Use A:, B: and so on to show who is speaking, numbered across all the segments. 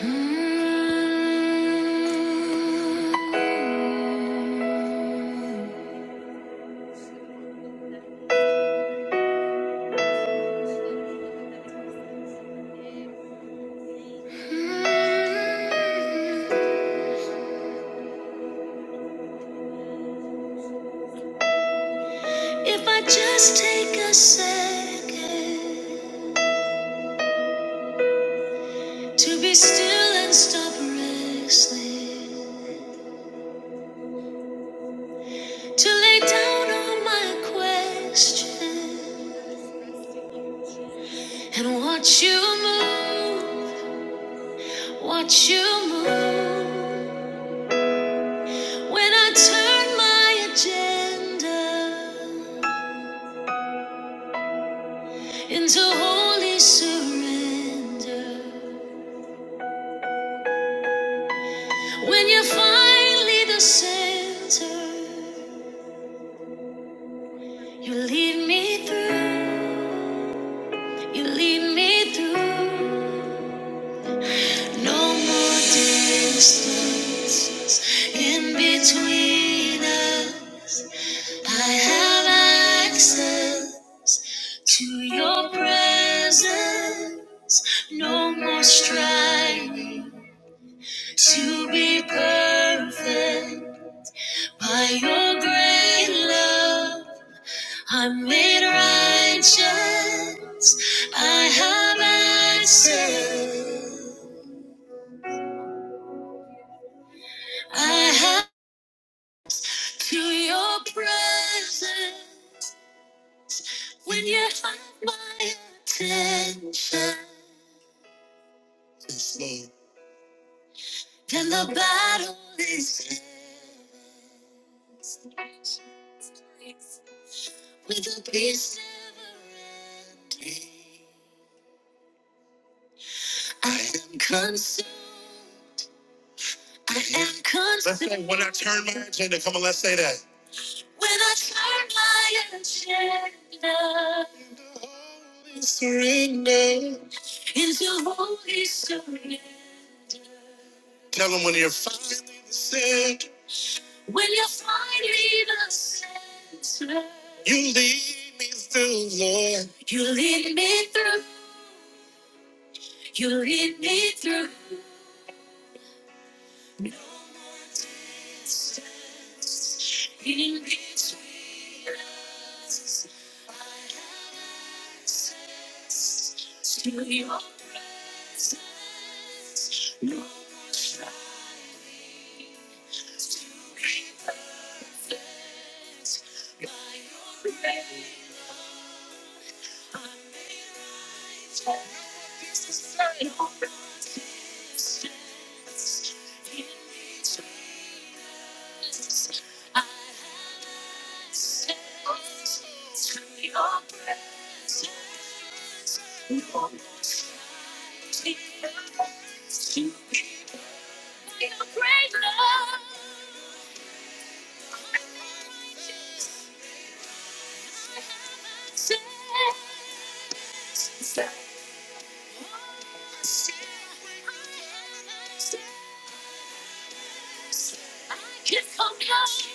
A: If I just take a second to be still and stop wrestling, to lay down all my questions and watch you move. Watch you move when I turn my agenda into holy surrender. When you're finally the center, you lead me through. You lead me through. No more distance in between us. I have access. To your presence, no more striving to be perfect. By your great love, I'm made righteous. I have access. I have to your presence when you have my attention. Yes, Lord. And the battle is theirs. With a peace never ending. I am concerned. I am concerned. Let's say, when I turn my agenda, come on, let's say that. When I turn my agenda. into Holy Surrender. Into holy surrender. Tell them when you're finally the sin. When you finally the center, you lead me through, Lord. You lead me through. You lead me through. No more distance in between us. I have access to your presence. No more striving. I can't come close. I can't come close.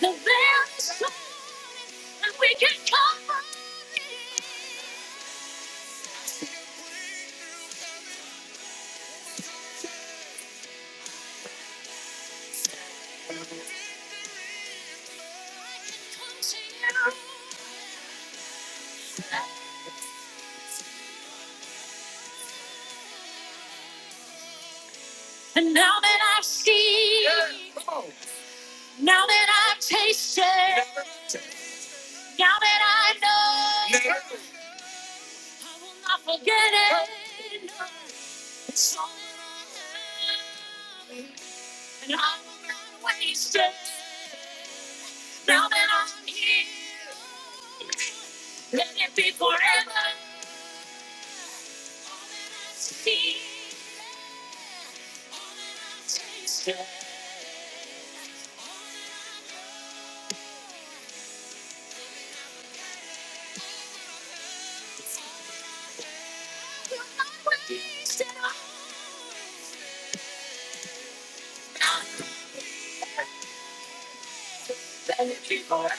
A: The very thought that we can't come close. And now that I see, now that I taste it, now that I know, I'll forget it. It's all And I'm not wasted Now that I'm I'm I'm here, let let it be forever. See, taste it You're not wasted. Let it be be forever.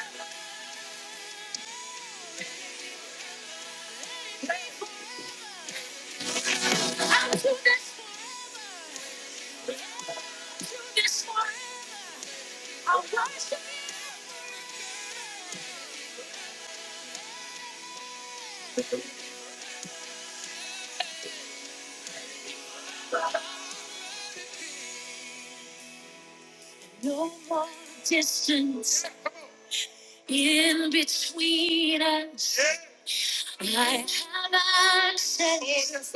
A: Don't Don't wasted. wasted. this I'll do this for you. No more distance in between us. I have access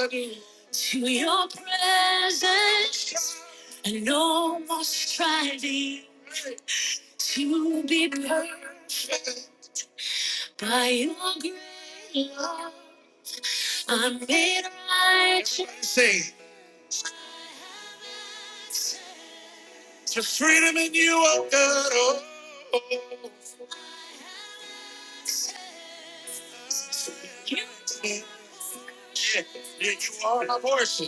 A: to your presence and no more striving to be perfect. By your grace, I'm made righteous. Sing to freedom in you, oh God. Oh. You yeah, you are my portion.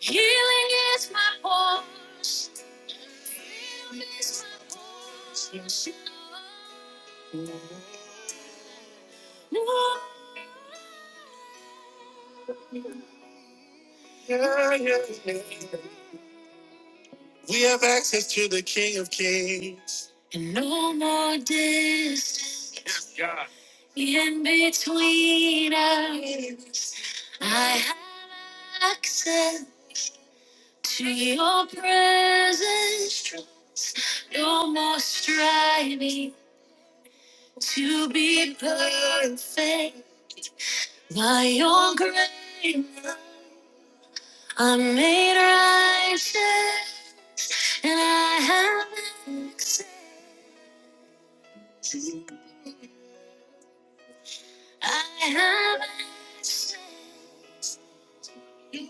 A: Healing is my portion. Yeah, yeah, yeah. We have access to the King of Kings. And no more distance in between us. I have access to your presence. Trust. No more striving to be perfect. By your grace, I'm made righteous. And I have access. I have access. I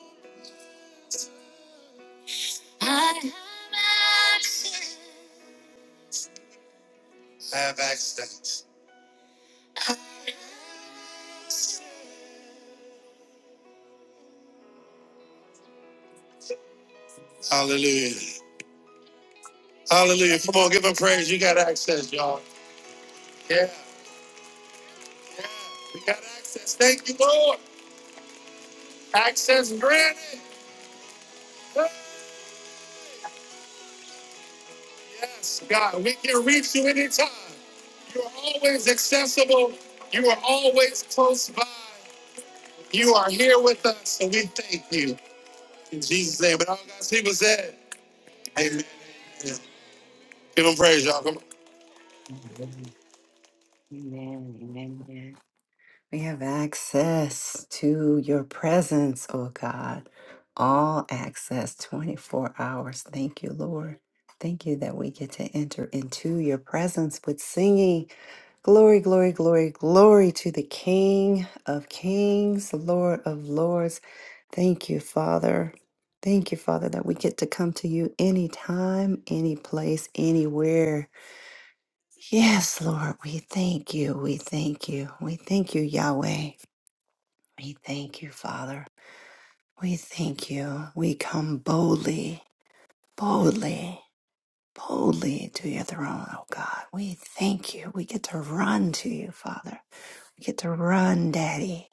A: have access. I have access. Hallelujah. Hallelujah. Come on, give him praise. You got access, y'all. Yeah. yeah. We got access. Thank you, Lord. Access granted. Yes, God. We can reach you anytime. You're always accessible. You are always close by. You are here with us, and we thank you. In Jesus' name. But all God's people said, Amen. Yeah. Give them praise, y'all. Come on. Amen. Amen. amen. We have access to your presence, oh God. All access 24 hours. Thank you, Lord. Thank you that we get to enter into your presence with singing. Glory, glory, glory, glory to the King of Kings, Lord of Lords. Thank you, Father. Thank you, Father, that we get to come to you anytime, any place, anywhere. Yes, Lord, we thank you. We thank you. We thank you, Yahweh. We thank you, Father. We thank you. We come boldly, boldly, boldly to your throne, oh God. We thank you. We get to run to you, Father. We get to run, Daddy.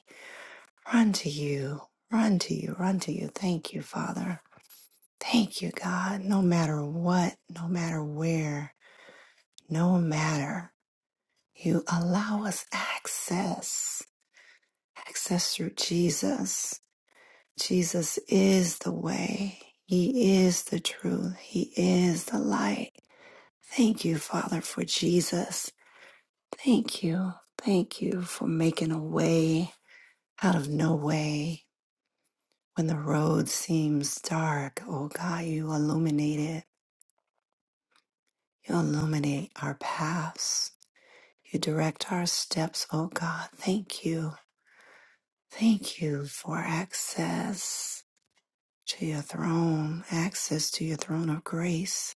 A: Run to you. Run to you. Run to you. Thank you, Father. Thank you, God. No matter what, no matter where, no matter, you allow us access, access through Jesus. Jesus is the way, He is the truth, He is the light. Thank you, Father, for Jesus. Thank you. Thank you for making a way out of no way. When the road seems dark, oh God, you illuminate it. You illuminate our paths. You direct our steps, O God. Thank you. Thank you for access to your throne, access to your throne of grace.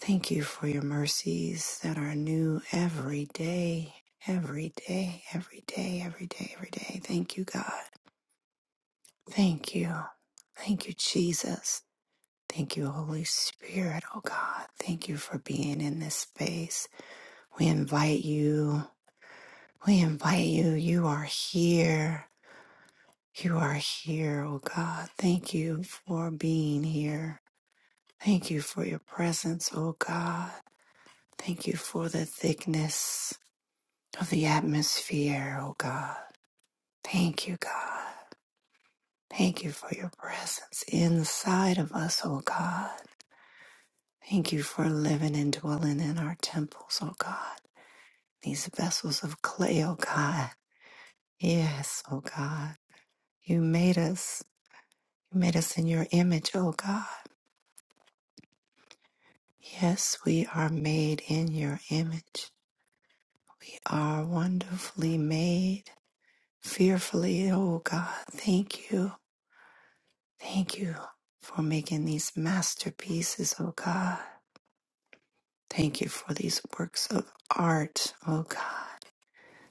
A: Thank you for your mercies that are new every day, every day, every day, every day, every day. Thank you, God. Thank you. Thank you, Jesus. Thank you, Holy Spirit, oh God. Thank you for being in this space. We invite you. We invite you. You are here. You are here, O God. Thank you for being here. Thank you for your presence, O God. Thank you for the thickness of the atmosphere, O God. Thank you, God. Thank you for your presence inside of us, O God. Thank you for living and dwelling in our temples, O God. These vessels of clay, O God. Yes, O God. You made us. You made us in your image, O God. Yes, we are made in your image. We are wonderfully made, fearfully. Oh God, thank you. Thank you for making these masterpieces, oh God. Thank you for these works of art, oh God.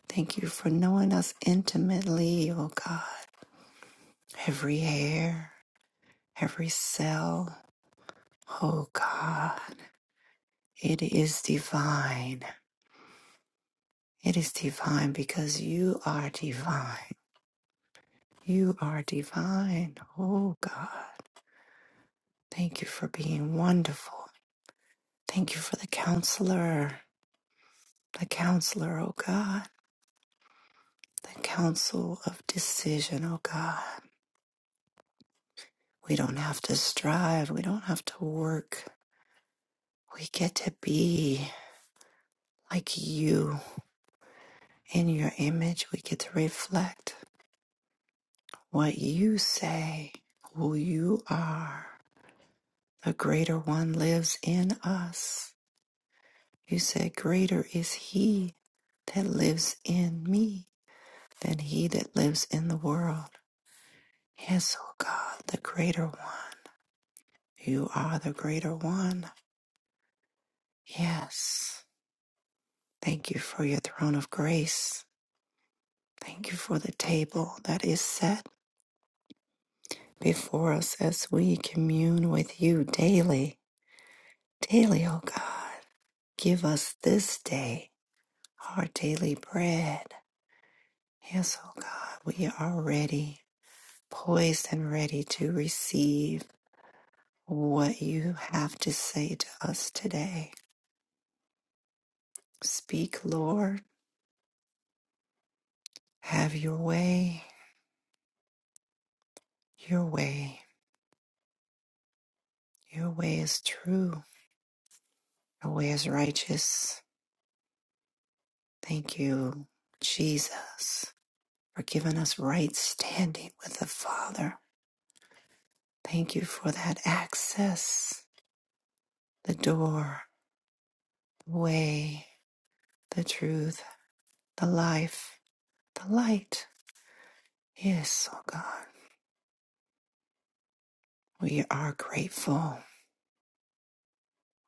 A: Thank you for knowing us intimately, oh God. Every hair, every cell, oh God. It is divine. It is divine because you are divine. You are divine. Oh God. Thank you for being wonderful. Thank you for the counselor. The counselor, oh God. The counsel of decision, oh God. We don't have to strive. We don't have to work. We get to be like you. In your image, we get to reflect what you say, who you are. The greater one lives in us. You said, Greater is he that lives in me than he that lives in the world. Yes, O God, the greater one. You are the greater one. Yes. Thank you for your throne of grace. Thank you for the table that is set before us as we commune with you daily. Daily, O God, give us this day our daily bread. Yes, O God, we are ready. poised and ready to receive what you have to say to us today. Speak, Lord. Have your way, your way. Your way is true, your way is righteous. Thank you, Jesus, for giving us right standing with the Father. Thank you for that access, the door, the way, the truth, the life, the light. Yes, oh God, we are grateful.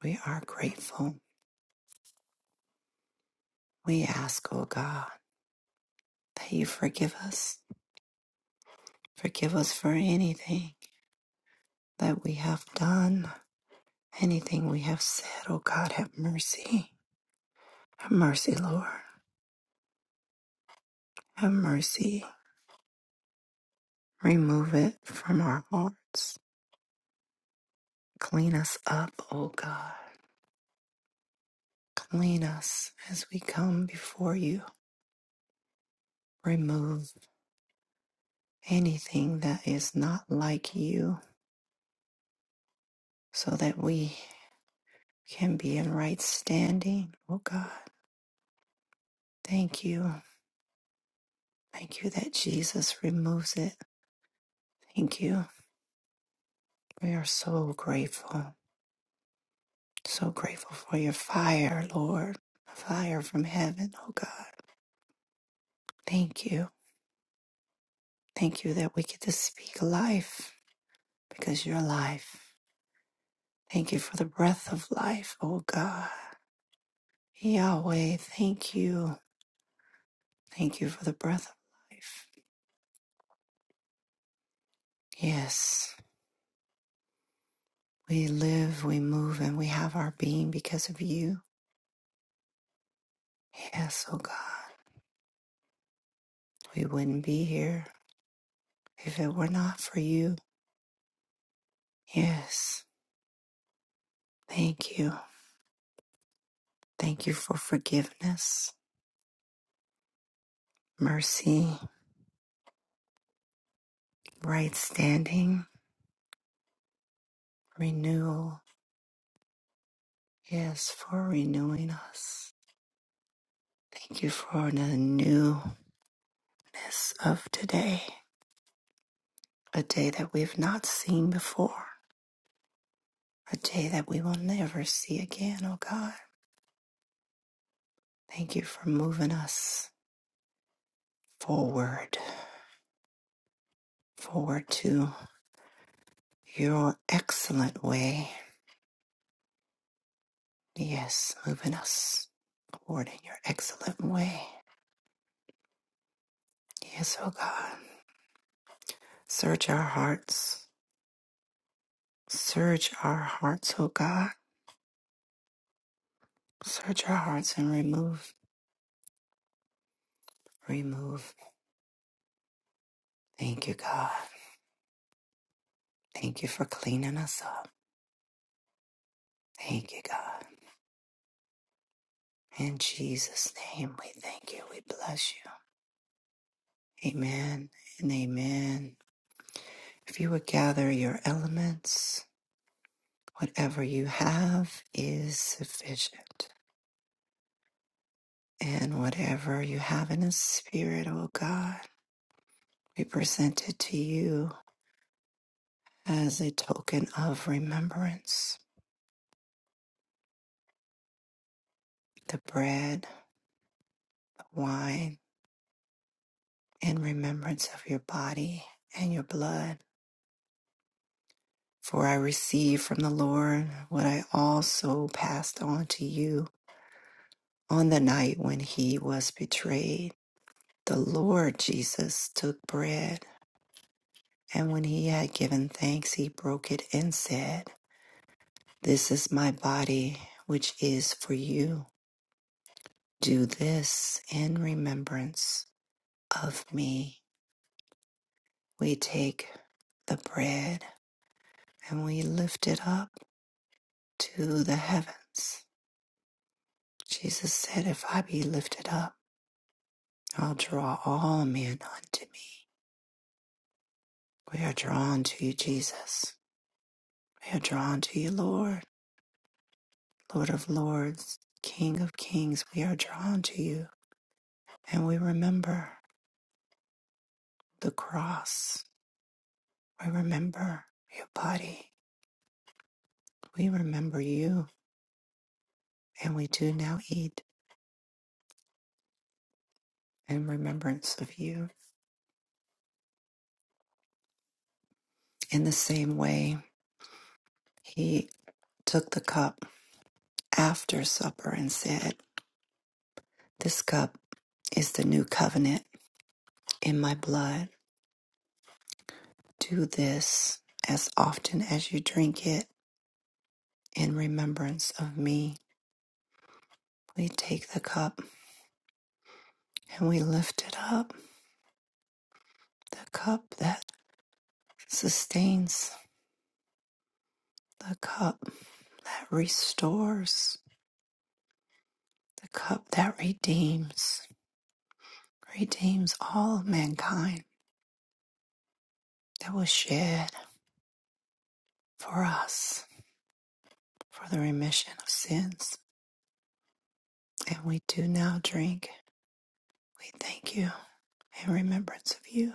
A: We are grateful. We ask, O God, that you forgive us. Forgive us for anything that we have done, anything we have said. O God, have mercy. Have mercy, Lord. Have mercy. Remove it from our hearts. Clean us up, O God. Clean us as we come before you. Remove anything that is not like you so that we can be in right standing, O God. Thank you. Thank you that Jesus removes it. Thank you. We are so grateful, so grateful for your fire, Lord, a fire from heaven, oh God. Thank you. Thank you that we get to speak life because you're life. Thank you for the breath of life, oh God. Yahweh, thank you. Thank you for the breath of life. Yes, we live, we move, and we have our being because of you. Yes, oh God. We wouldn't be here. If it were not for you, yes. Thank you. Thank you for forgiveness, mercy, right standing, renewal. Yes, for renewing us. Thank you for the newness of today, a day that we've not seen before, a day that we will never see again, oh God. Thank you for moving us forward, forward to your excellent way. Yes, moving us. Lord, in your excellent way. Yes, O God. Search our hearts. Search our hearts, O God. Search our hearts and remove. Remove. Thank you, God. Thank you for cleaning us up. Thank you, God. In Jesus' name, we thank you. We bless you. Amen and amen. If you would gather your elements, whatever you have is sufficient. And whatever you have in the spirit, O God We present it to you as a token of remembrance the bread, the wine, in remembrance of your body and your blood. For I received from the Lord what I also passed on to you on the night when he was betrayed. The Lord Jesus took bread, and when he had given thanks, he broke it and said, This is my body, which is for you. Do this in remembrance of me. We take the bread and we lift it up to the heavens. Jesus said, If I be lifted up, I'll draw all men unto me. We are drawn to you, Jesus. We are drawn to you, Lord, Lord of lords, King of kings. We are drawn to you. And we remember the cross. We remember your body. We remember you. And we do now eat in remembrance of you. In the same way, he took the cup after supper and said, This cup is the new covenant in my blood. Do this as often as you drink it in remembrance of me. We take the cup and we lift it up, the cup that sustains, the cup that restores, the cup that redeems, redeems all mankind that was shed for us for the remission of sins. And we do now drink. We thank you in remembrance of you.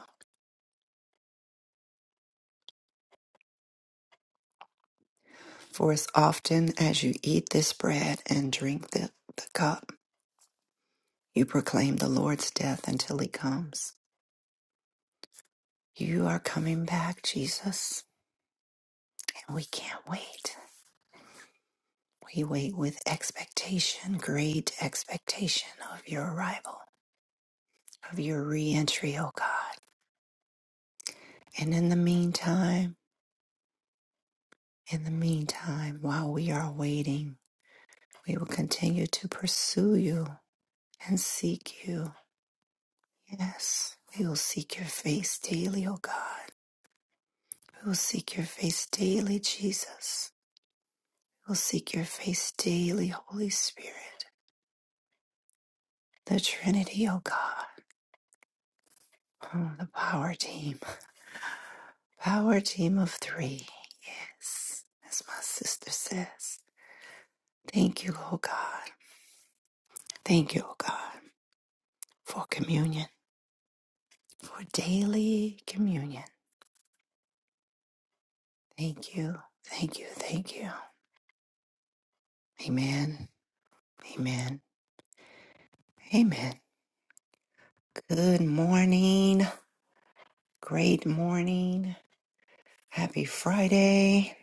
A: For as often as you eat this bread and drink the, the cup, you proclaim the Lord's death until he comes. You are coming back, Jesus, and we can't wait. We wait with expectation, great expectation of your arrival, of your re entry, O God. And in the meantime, in the meantime, while we are waiting, We will continue to pursue you and seek you. Yes, we will seek your face daily, O God. We will seek your face daily, Jesus. We will seek your face daily, Holy Spirit. The Trinity, O God. Oh, the power team. Power team of three. Yes, as my sister says. Thank you, O God. Thank you, O God, for communion, for daily communion. Thank you. Thank you. Thank you. Amen. Amen. Amen. Good morning. Great morning. Happy Friday.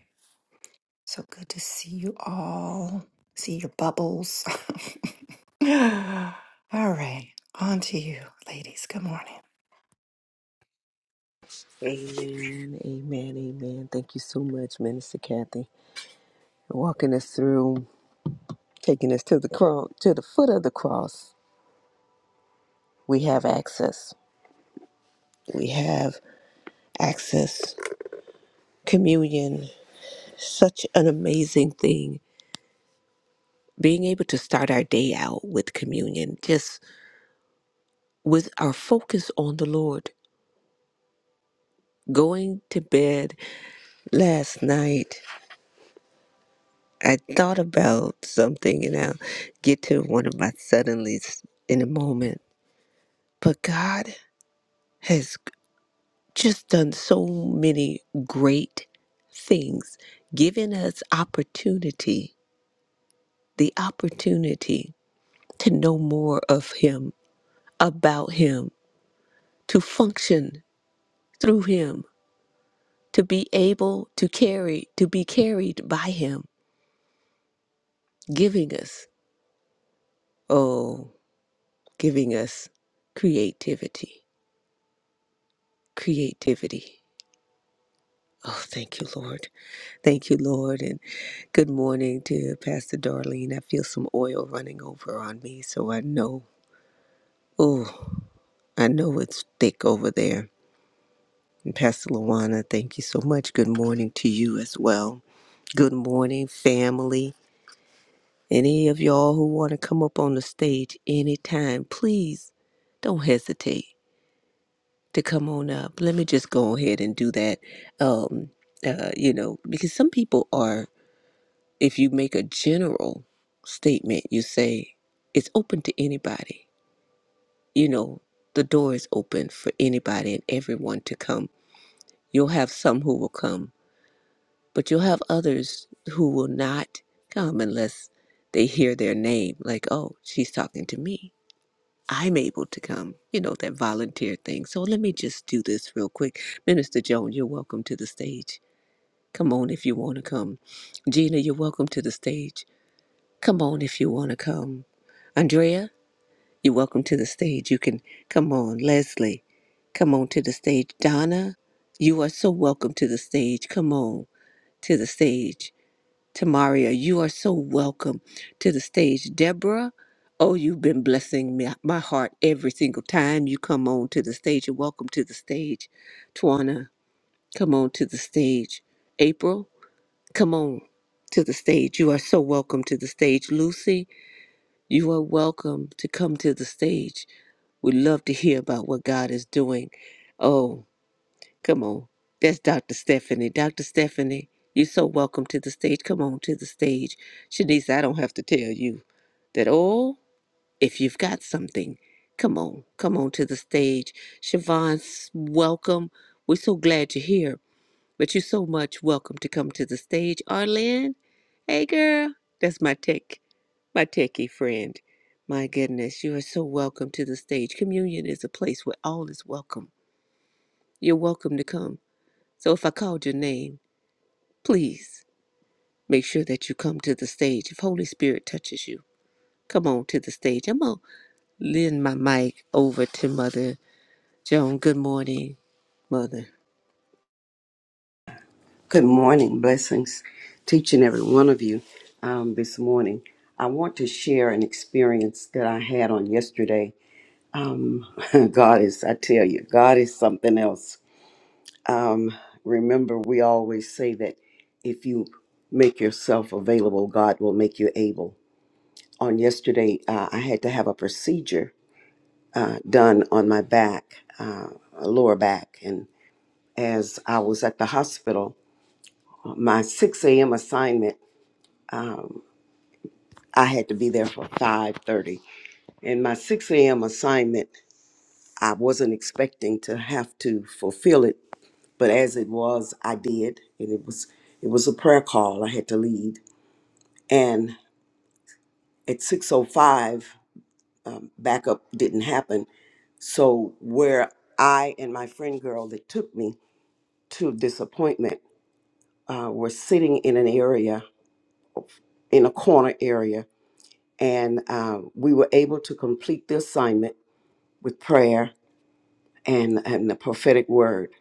A: So good to see you all. See your bubbles. all right. On to you, ladies. Good morning.
B: Amen, amen, amen. Thank you so much, Minister Kathy, for walking us through, taking us to the cross, to the foot of the cross. We have access. We have access. Communion, such an amazing thing. Being able to start our day out with communion, just with our focus on the Lord. Going to bed last night, I thought about something, and I'll get to one of my suddenlies in a moment. But God. has just done so many great things, giving us opportunity, the opportunity to know more of Him, about Him, to function through Him, to be able to carry, to be carried by Him, giving us, oh, giving us creativity, creativity. Oh, thank you, Lord. Thank you, Lord, and good morning to Pastor Darlene. I feel some oil running over on me, so I know, oh, I know it's thick over there. And Pastor Luana, thank you so much. Good morning to you as well. Good morning, family. Any of y'all who want to come up on the stage anytime, please don't hesitate to come on up. Let me just go ahead and do that. Um, uh, you know, because some people are If you make a general statement, you say it's open to anybody. You know, the door is open for anybody and everyone to come. You'll have some who will come, but you'll have others who will not come unless they hear their name, like, oh, she's talking to me. I'm able to come, you know, that volunteer thing. So let me just do this real quick. Minister Joan, you're welcome to the stage. Come on if you want to come. Gina, you're welcome to the stage. Come on if you want to come. Andrea, you're welcome to the stage. You can come on. Leslie, come on to the stage. Donna, you are so welcome to the stage. Come on to the stage. Tamaria, you are so welcome to the stage. Deborah, oh, you've been blessing me, my heart every single time you come on to the stage. You're welcome to the stage. Twana, come on to the stage. April, come on to the stage. You are so welcome to the stage. Lucy, you are welcome to come to the stage. We'd love to hear about what God is doing. Oh, come on. That's Dr. Stephanie. Dr. Stephanie, you're so welcome to the stage. Come on to the stage. Shanice, I don't have to tell you that, oh, if you've got something, come on. Come on to the stage. Siobhan, s- welcome. We're so glad you're here, but you're so much welcome to come to the stage. Arlene, hey, girl. That's my tech my techie friend. My goodness, you are so welcome to the stage. Communion is a place where all is welcome. You're welcome to come. So if I called your name, please make sure that you come to the stage. If Holy Spirit touches you, come on to the stage. I'm going to lend my mic over to Mother Joan. Good morning, Mother.
C: Good morning. Blessings to each and every one of you um, this morning. I want to share an experience that I had on yesterday. Um, God is, I tell you, God is something else. Um, remember, we always say that if you make yourself available, God will make you able. On yesterday, uh, I had to have a procedure uh, done on my back, uh, lower back. And as I was at the hospital, my 6 a.m. assignment. um, I had to be there for 5:30. And my 6 a.m. assignment, I wasn't expecting to have to fulfill it, but as it was, I did. And it was it was a prayer call I had to lead. And at 6:05, um, backup didn't happen. So where I and my friend girl that took me to this appointment uh, were sitting in an area, in a corner area, and uh, we were able to complete the assignment with prayer and, and the prophetic word.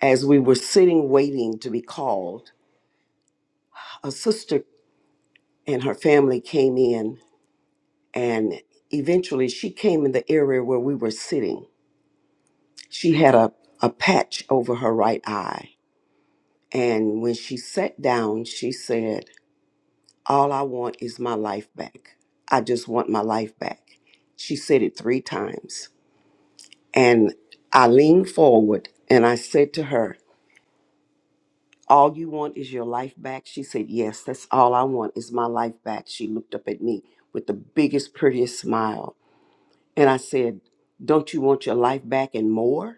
C: As we were sitting waiting to be called, a sister and her family came in, and eventually she came in the area where we were sitting. She had a, a patch over her right eye. And when she sat down, she said, All I want is my life back. I just want my life back. She said it three times. And I leaned forward and I said to her, All you want is your life back? She said, Yes, that's all I want is my life back. She looked up at me with the biggest, prettiest smile. And I said, Don't you want your life back and more?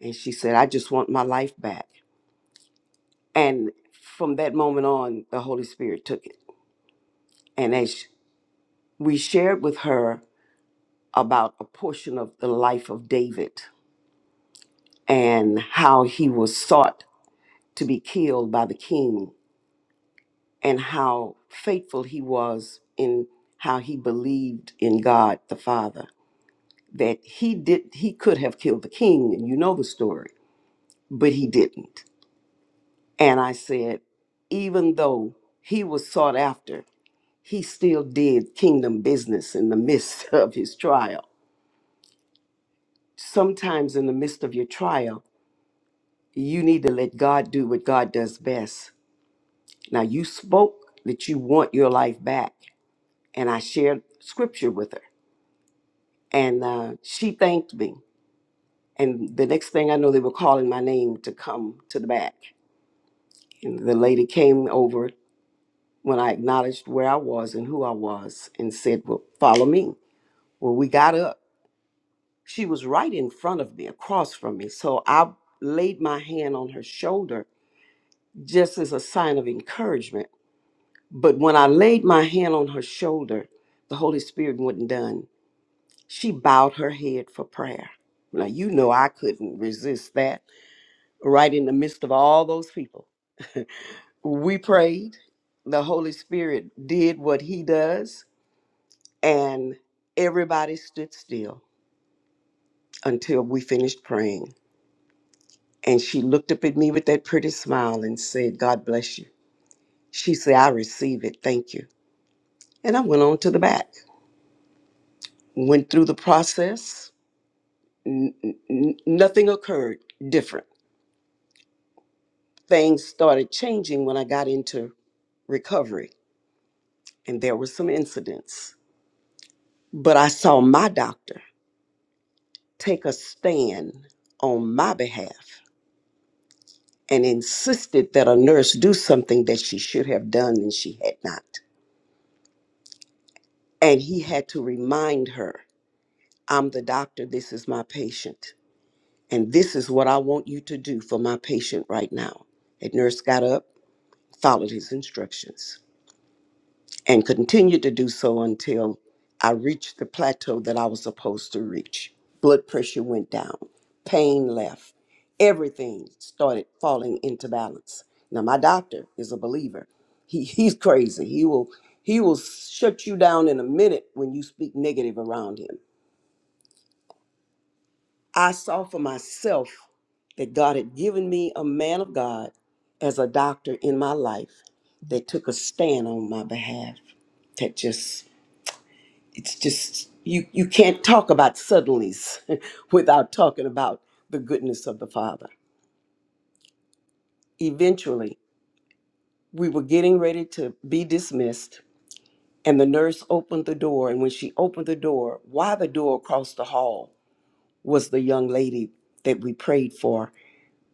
C: And she said, I just want my life back. And from that moment on, the Holy Spirit took it. And as we shared with her about a portion of the life of David and how he was sought to be killed by the king and how faithful he was in how he believed in God the Father that he did he could have killed the king and you know the story but he didn't and i said even though he was sought after he still did kingdom business in the midst of his trial sometimes in the midst of your trial you need to let god do what god does best now you spoke that you want your life back and i shared scripture with her and uh, she thanked me. And the next thing I know, they were calling my name to come to the back. And the lady came over when I acknowledged where I was and who I was and said, Well, follow me. Well, we got up. She was right in front of me, across from me. So I laid my hand on her shoulder just as a sign of encouragement. But when I laid my hand on her shoulder, the Holy Spirit wasn't done. She bowed her head for prayer. Now, you know, I couldn't resist that. right in the midst of all those people. We prayed. The Holy Spirit did what He does, and everybody stood still until we finished praying. And she looked up at me with that pretty smile and said, God bless you. She said, I receive it. Thank you. And I went on to the back, went through the process. N- n- n- nothing occurred different. Things started changing when I got into recovery, and there were some incidents. But I saw my doctor take a stand on my behalf and insisted that a nurse do something that she should have done and she had not. And he had to remind her, I'm the doctor, this is my patient, and this is what I want you to do for my patient right now. And nurse got up, followed his instructions. and continued to do so until I reached the plateau that I was supposed to reach. Blood pressure went down, pain left, everything started falling into balance. Now my doctor is a believer. He he's crazy. He will he will shut you down in a minute when you speak negative around him. I saw for myself that God had given me a man of God as a doctor in my life that took a stand on my behalf. That just it's just you you can't talk about suddenlies without talking about the goodness of the father eventually we were getting ready to be dismissed and the nurse opened the door and when she opened the door why the door across the hall was the young lady that we prayed for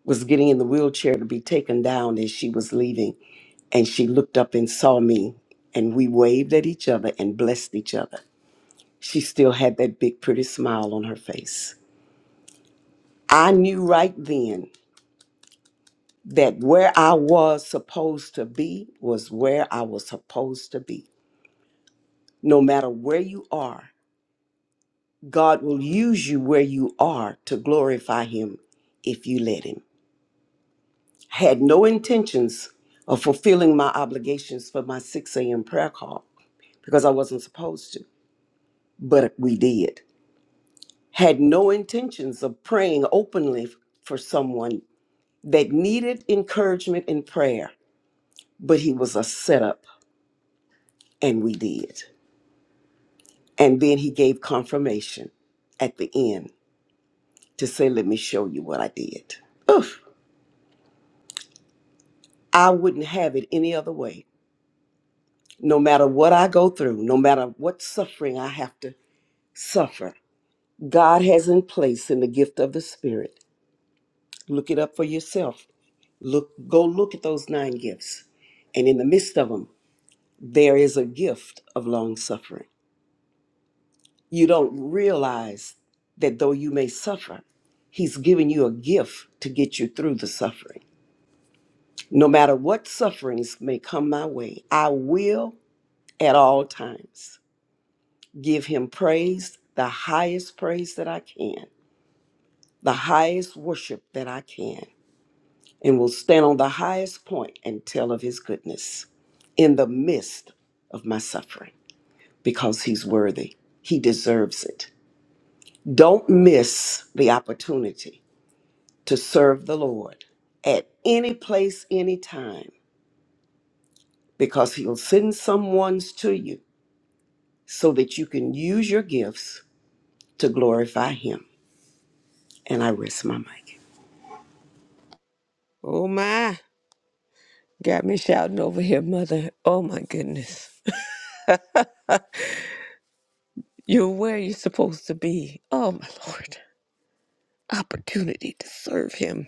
C: was getting in the wheelchair to be taken down as she was leaving and she looked up and saw me and we waved at each other and blessed each other she still had that big pretty smile on her face I knew right then that where I was supposed to be was where I was supposed to be. No matter where you are, God will use you where you are to glorify Him if you let Him. I had no intentions of fulfilling my obligations for my 6 a.m. prayer call because I wasn't supposed to, but we did. Had no intentions of praying openly for someone that needed encouragement in prayer, but He was a setup And we did. And then he gave confirmation at the end to say, Let me show you what I did. Oof. I wouldn't have it any other way. No matter what I go through, no matter what suffering I have to suffer, God has in place in the gift of the Spirit. Look it up for yourself. Look, go look at those nine gifts. And in the midst of them, there is a gift of long suffering. You don't realize that though you may suffer, He's giving you a gift to get you through the suffering. No matter what sufferings may come my way, I will at all times give Him praise, the highest praise that I can, the highest worship that I can, and will stand on the highest point and tell of His goodness in the midst of my suffering because He's worthy. He deserves it. Don't miss the opportunity to serve the Lord at any place, any time, because He'll send someone's to you so that you can use your gifts to glorify Him. And I rest my mic.
B: Oh, my. Got me shouting over here, Mother. Oh, my goodness. You're where you're supposed to be. Oh, my Lord. Opportunity to serve Him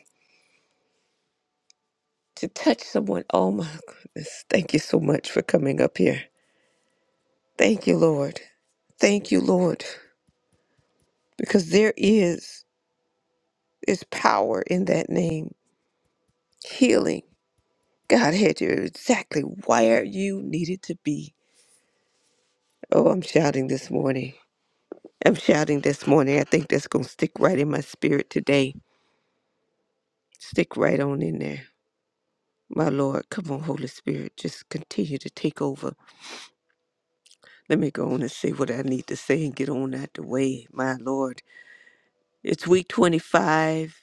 B: to touch someone. Oh my goodness. Thank you so much for coming up here. Thank you, Lord. Thank you, Lord, because there is is power in that name. Healing. God had you exactly where you needed to be. Oh, I'm shouting this morning. I'm shouting this morning. I think that's going to stick right in my spirit today. Stick right on in there. My Lord, come on, Holy Spirit, just continue to take over. Let me go on and say what I need to say and get on out the way. My Lord. It's week 25.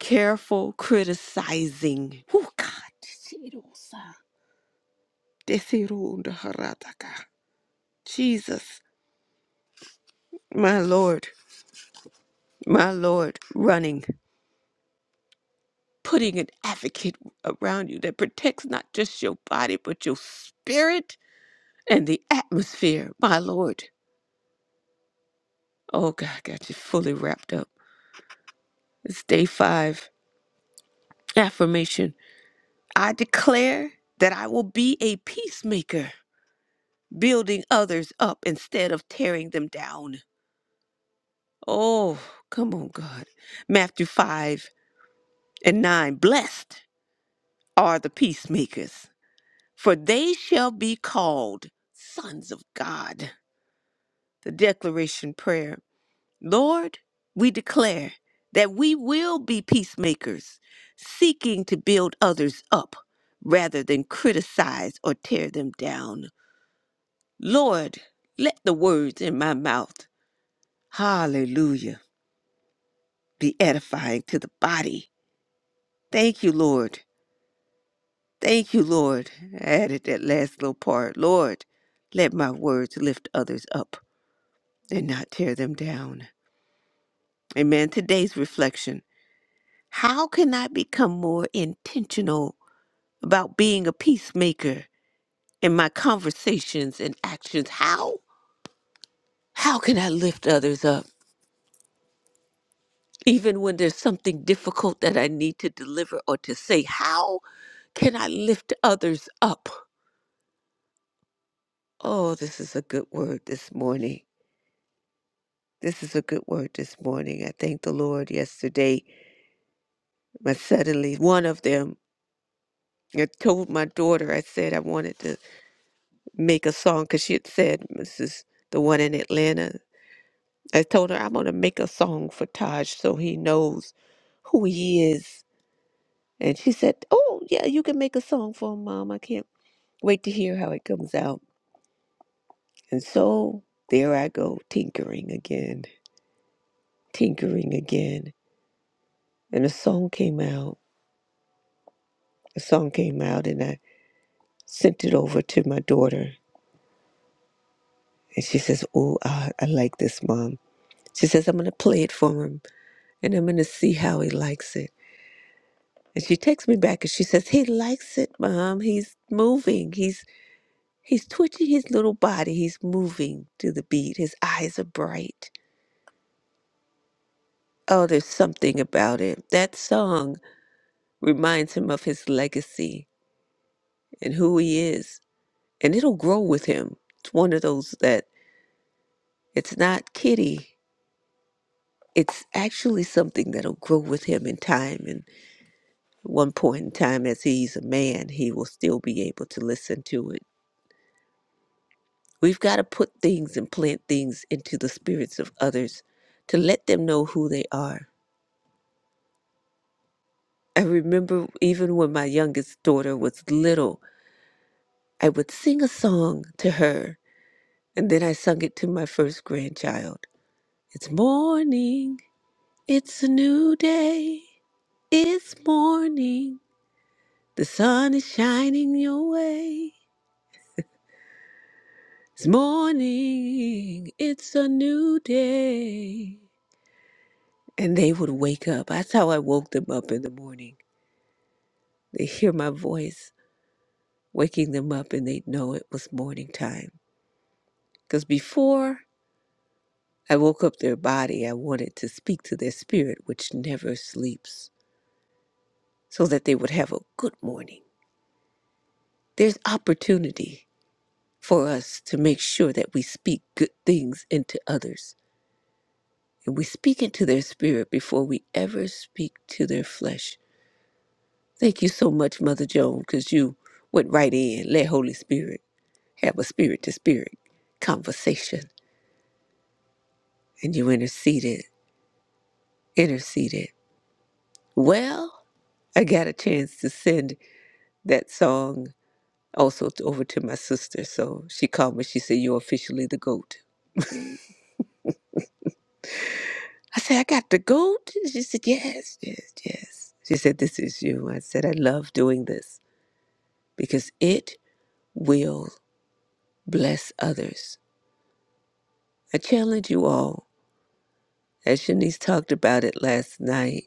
B: Careful criticizing. Oh, God. Desirosa. Desirundaharataka. Jesus, my Lord, my Lord, running, putting an advocate around you that protects not just your body, but your spirit and the atmosphere, my Lord. Oh, God, I got you fully wrapped up. It's day five. Affirmation I declare that I will be a peacemaker. building others up instead of tearing them down. Oh, come on, God. Matthew 5 and 9 Blessed are the peacemakers, for they shall be called sons of God. The declaration prayer Lord, we declare that we will be peacemakers, seeking to build others up rather than criticize or tear them down. Lord, let the words in my mouth, hallelujah be edifying to the body. Thank you, Lord. Thank you, Lord. I added that last little part. Lord, let my words lift others up and not tear them down. Amen. Today's reflection How can I become more intentional about being a peacemaker in my conversations and actions? How? How can I lift others up? Even when there's something difficult that I need to deliver or to say, how can I lift others up? Oh, this is a good word this morning. This is a good word this morning. I thank the Lord yesterday. But suddenly, one of them, I told my daughter, I said I wanted to make a song because she had said, Mrs. the one in Atlanta. I told her, I'm going to make a song for Taj so he knows who he is. And she said, Oh, yeah, you can make a song for him, Mom. I can't wait to hear how it comes out. And so there I go, tinkering again, tinkering again and a song came out. A song came out, and I sent it over to my daughter, and she says, "Oh, I, I like this, mom." She says, "I'm gonna play it for him, and I'm gonna see how he likes it." And she takes me back, and she says, "He likes it, mom. He's moving. He's he's twitching his little body. He's moving to the beat. His eyes are bright. Oh, there's something about it. That song reminds him of his legacy and who he is, and it'll grow with him. It's one of those that." It's not kitty. It's actually something that'll grow with him in time. And at one point in time, as he's a man, he will still be able to listen to it. We've got to put things and plant things into the spirits of others to let them know who they are. I remember even when my youngest daughter was little, I would sing a song to her, and then I sung it to my first grandchild. It's morning, it's a new day, it's morning. The sun is shining your way. It's morning. It's a new day. And they would wake up. That's how I woke them up in the morning. They hear my voice waking them up and they'd know it was morning time. Because before I woke up their body, I wanted to speak to their spirit, which never sleeps, so that they would have a good morning. There's opportunity for us to make sure that we speak good things into others And we speak into their spirit before we ever speak to their flesh. Thank you so much, Mother Joan, because you went right in. Let Holy Spirit have a spirit to spirit conversation. And you interceded, interceded. Well, I got a chance to send that song also t- over to my sister. So she called me. She said, You're officially the GOAT. I said, I got the GOAT. She said, Yes, yes, yes. She said, This is you. I said, I love doing this because it will. bless others. I challenge you all, as Shanice talked about it last night.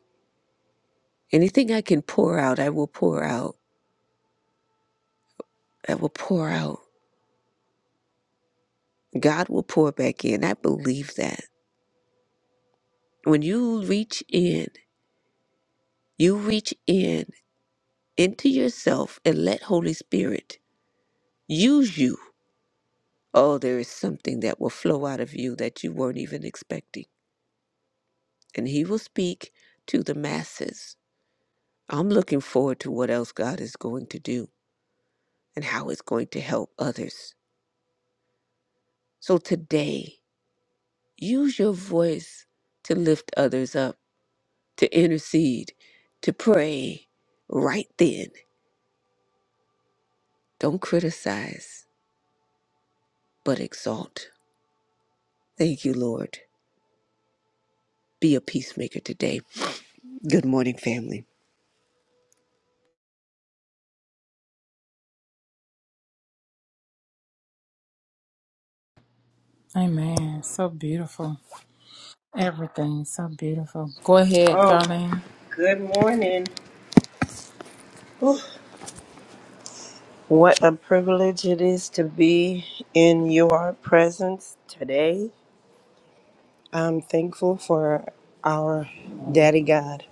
B: Anything I can pour out, I will pour out. I will pour out. God will pour back in. I believe that. When you reach in, you reach in into yourself and let Holy Spirit use you. Oh, there is something that will flow out of you that you weren't even expecting. And He will speak to the masses. I'm looking forward to what else God is going to do. and how it's going to help others. So today, use your voice to lift others up, to intercede, to pray right then. Don't criticize, but exalt. Thank you, Lord. Be a peacemaker today. Good morning, family.
D: Amen. So beautiful. Everything so beautiful. Go ahead,
E: Oh,
D: Darlene.
E: good morning. What a privilege it is to be in your presence today. I'm thankful for our Daddy God.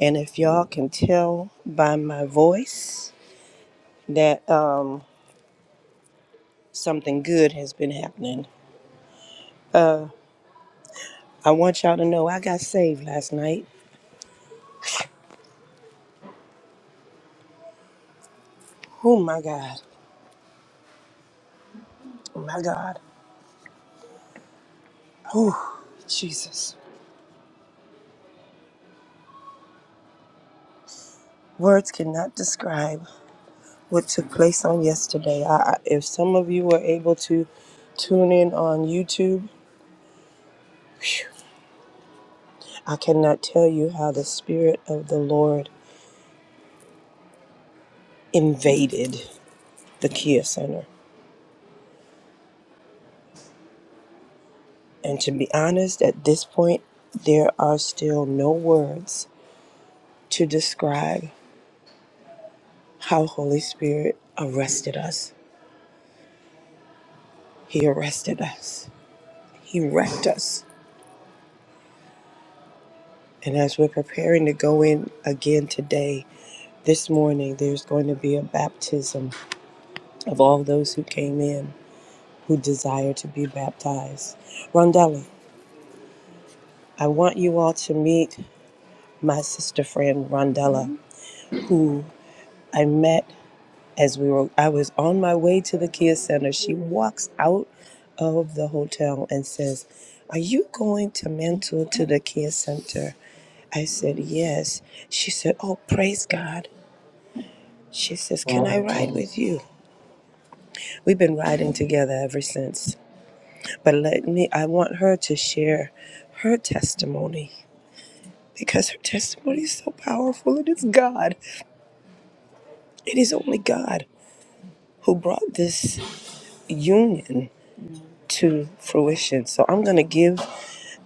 E: And if y'all can tell by my voice that um, something good has been happening, I want y'all to know I got saved last night. Oh my God. Oh my God. Oh, Jesus. Words cannot describe. what took place on yesterday. I, I, if some of you were able to tune in on YouTube, phew, I cannot tell you how the Spirit of the Lord invaded the Kia Center. And to be honest, at this point, there are still no words to describe how Holy Spirit arrested us. He arrested us. He wrecked us. And as we're preparing to go in again today, this morning, there's going to be a baptism of all those who came in who desire to be baptized. Rondella, I want you all to meet my sister friend Rondella, who I met as we were I was on my way to the Kia Center. She walks out of the hotel and says, Are you going to mentor to the Kia Center? I said, Yes. She said, Oh, praise God. She says, Can I ride with you? We've been riding together ever since. But let me, I want her to share her testimony because her testimony is so powerful. It is God. It is only God who brought this union to fruition. So I'm going to give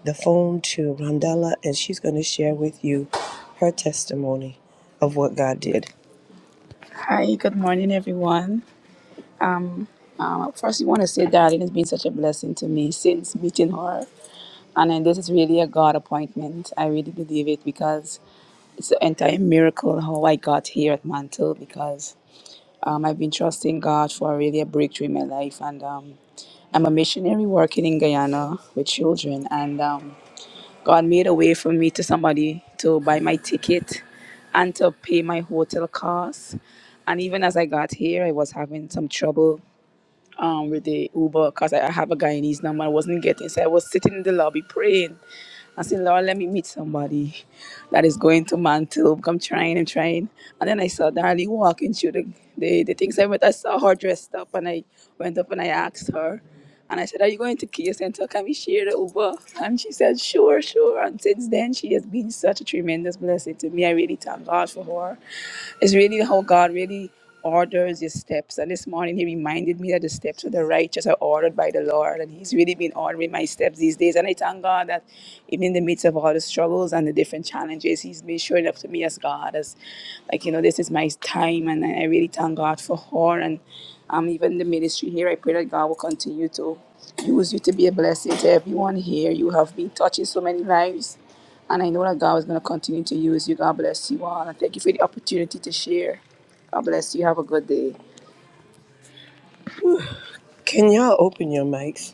E: the phone to Rondella and she's going to share with you her testimony of what God did. Hi, good morning, everyone. Um, first, I want to say that it has been such a blessing to me since meeting her. And then this is really a God appointment. I really believe it because It's an entire miracle how I got here at Mantle because um, I've been trusting God for really a breakthrough in my life. And um, I'm a missionary working in Guyana with children. And um, God made a way for me to somebody to buy my ticket and to pay my hotel costs. And even as I got here, I was having some trouble um, with the Uber because I I have a Guyanese number. I wasn't getting, so I was sitting in the lobby praying I said, Lord, let me meet somebody that is going to Mantle. I'm trying and trying. And then I saw Darlene walking through the, the, the things I went. I saw her dressed up and I went up and I asked her. And I said, Are you going to Kia Center? Can we share the Uber? And she said, Sure, sure. And since then, she has been such a tremendous blessing to me. I really thank God for her. It's really how God really orders his steps. And this morning he reminded me that the steps of the righteous are ordered by the Lord. And he's really been ordering my steps these days. And I thank God that even in the midst of all the struggles and the different challenges, he's been showing up to me as God as like, you know, this is my time and I I really thank God for her and um even the ministry here. I pray that God will continue to use you to be a blessing to everyone here. You have been touching so many lives. And I know that God is going to continue to use you. God bless you all. And thank you for the opportunity to share. God bless you. Have a good day. Can y'all open your mics?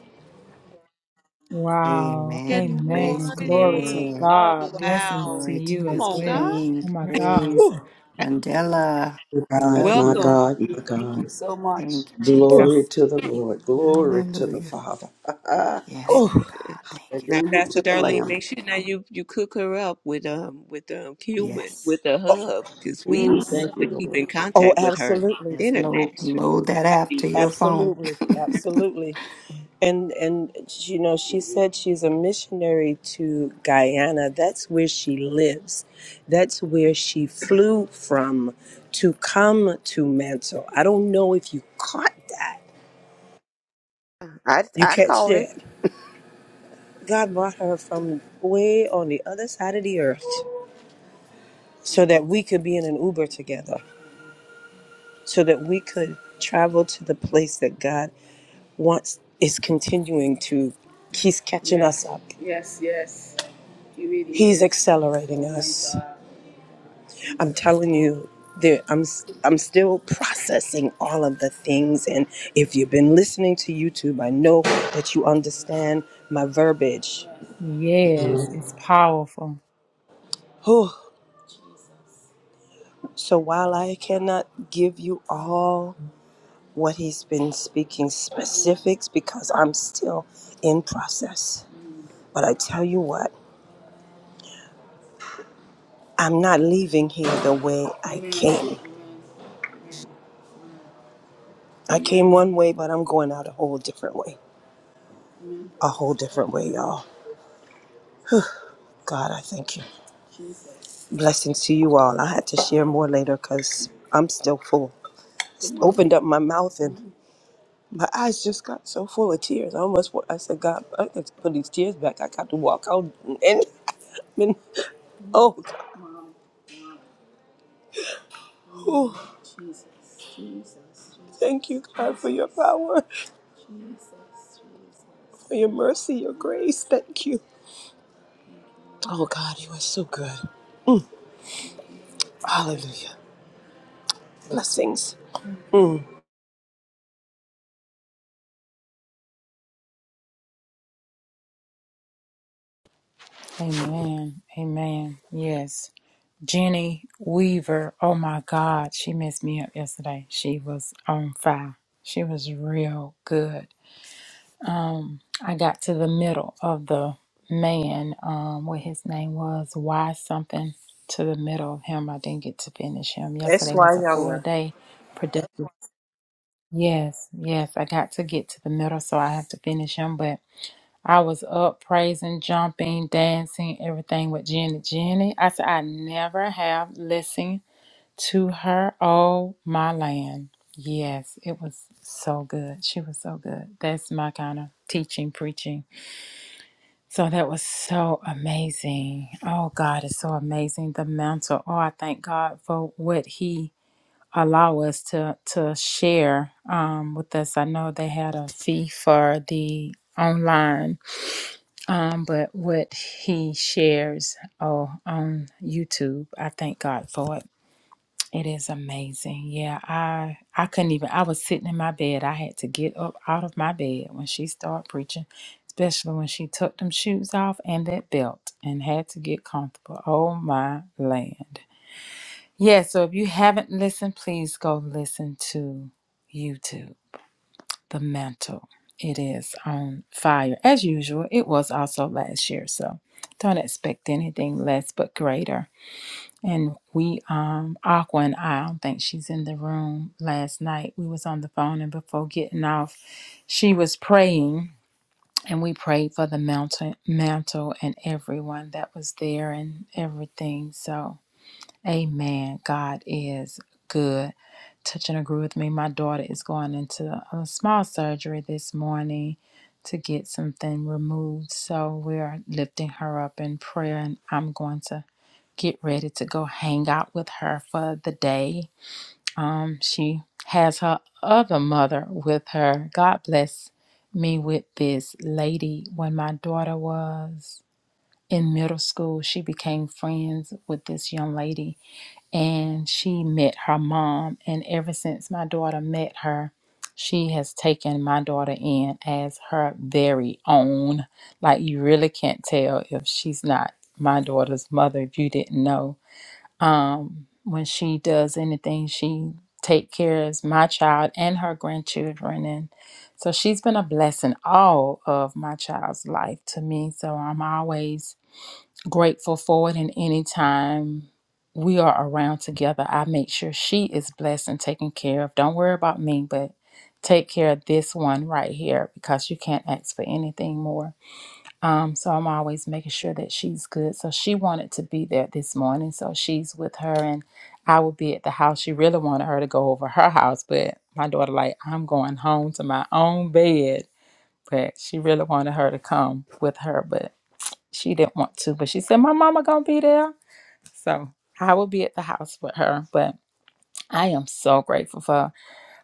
D: Wow.
B: Good
A: Amen. Praise
D: Amen.
A: the
D: Glory to
B: morning.
A: Lord.
B: Oh,
D: God.
A: Oh,
D: Blessings
B: wow.
D: to
A: glory to
D: you
B: Come
A: the
D: as
B: on, God.
D: well.
A: King.
D: Oh my God.
A: Praise Mandela. We
C: God,
A: love
C: my
A: you.
B: Welcome.
C: God, my
E: Thank
C: God.
E: you so much.
A: Thank you,
E: Oh,
C: Glory
A: Jesus.
C: to the Lord. Glory to the
A: Hallelujah.
C: Father.
A: Yes,
B: Thank
A: my
E: oh,
B: you.
A: God. Thank you,
B: Now,
C: Hallelujah
A: Father.
B: Pastor
C: to the
B: Darlene,
C: Lamb.
B: make sure now you you cook her up with um with um cumin
A: Yes.
B: with the
E: oh,
B: hub because we would
C: Mm,
A: Yes.
C: thank
B: love to
C: you,
B: keep
C: Lord.
B: in
E: oh,
B: contact with her
E: absolutely,
A: Yes. Load
B: international.
A: load that app to your phone.
E: absolutely, absolutely. And and you know, she said she's a missionary to Guyana. That's where she lives. That's where she flew from to come to Mantle. I don't know if you caught that.
B: I
E: You
B: I
E: catch
B: caught it.
E: that? God brought her from way on the other side of the earth so that we could be in an Uber together, so that we could travel to the place that God wants, is continuing to, He's catching us Yes, up. yes, yes. He really He's is. accelerating Mighty us. Thank God. I'm telling you, there, I'm s- I'm still processing all of the things. And if you've been listening to YouTube, I know that you understand my verbiage.
D: Yes, it's powerful.
E: Whew. So while I cannot give you all what he's been speaking specifics because I'm still in process. But I tell you what, I'm not leaving here the way I came. I came one way, but I'm going out a whole different way. A whole different way, y'all. God, I thank you. Blessings to you all. I had to share more later because I'm still full. Just opened up my mouth and my eyes just got so full of tears. I almost, wa- I said, God, I got to put these tears back. I got to walk out and, and oh, God. Thank you, God, for your power, for your mercy, your grace. Thank you. Oh, God, you are so good. Hallelujah. Blessings.
D: Amen. Amen. Yes. Jenny Weaver. Oh my God. She messed me up yesterday. She was on fire. She was real good. um, I got to the middle of the man, um, what his name was, why something to the middle of him. I didn't get to finish him. Yesterday was
E: S.Y.
D: a full
E: Younger,
D: day productive. Yes, yes, I got to get to the middle, so I have to finish him. But I was up praising, jumping, dancing, everything with Jenny. Jenny, I said, I never have listened to her Oh my land. Yes, it was so good. She was so good. That's my kind of teaching, preaching so that was so amazing. Oh, God is so amazing. The mantle. Oh, I thank God for what He allow us to to share um, with us. I know they had a fee for the online, um, but what He shares oh on YouTube, I thank God for it. It is amazing. Yeah, I I couldn't even I was sitting in my bed. I had to get up out of my bed when she started preaching, especially when she took them shoes off and that belt and had to get comfortable. Oh my land. Yeah, so if you haven't listened, please go listen to YouTube, The Mantle. It is on fire. As usual, it was also last year, so don't expect anything less but greater. And we, um, Aqua and I, I don't think she's in the room last night. We was on the phone and before getting off, she was praying and we prayed for the mountain mantle and everyone that was there and everything. So Amen. God is good. Touch and agree with me. My daughter is going into a small surgery this morning to get something removed. So we're lifting her up in prayer and I'm going to get ready to go hang out with her for the day. Um, she has her other mother with her. God bless me with this lady. When my daughter was in middle school, she became friends with this young lady and she met her mom. And ever since my daughter met her, she has taken my daughter in as her very own. Like, you really can't tell if she's not my daughter's mother if you didn't know um, when she does anything she take care of my child and her grandchildren and so she's been a blessing all of my child's life to me so i'm always grateful for it and anytime we are around together i make sure she is blessed and taken care of don't worry about me but take care of this one right here because you can't ask for anything more um, so I'm always making sure that she's good. So she wanted to be there this morning. So she's with her and I will be at the house. She really wanted her to go over her house, but my daughter like, I'm going home to my own bed. But she really wanted her to come with her, but she didn't want to. But she said, My mama gonna be there. So I will be at the house with her. But I am so grateful for her.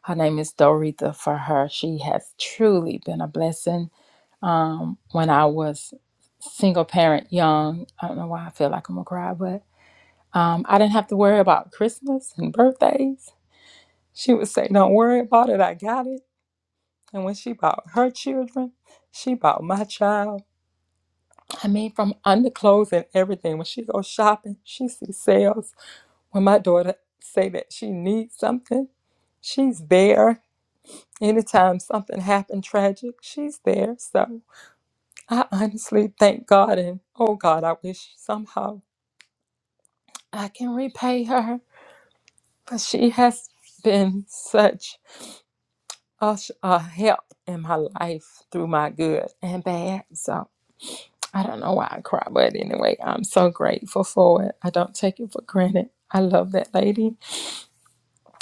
D: Her name is Doretha for her. She has truly been a blessing um, when I was single parent, young. I don't know why I feel like I'm gonna cry, but um, I didn't have to worry about Christmas and birthdays. She would say, "Don't worry about it, I got it." And when she bought her children, she bought my child. I mean, from underclothes and everything. When she goes shopping, she sees sales. When my daughter say that she needs something, she's there. Anytime something happened tragic, she's there. So I honestly thank God and oh God, I wish somehow I can repay her. But she has been such a, sh- a help in my life through my good and bad. So I don't know why I cry, but anyway, I'm so grateful for it. I don't take it for granted. I love that lady.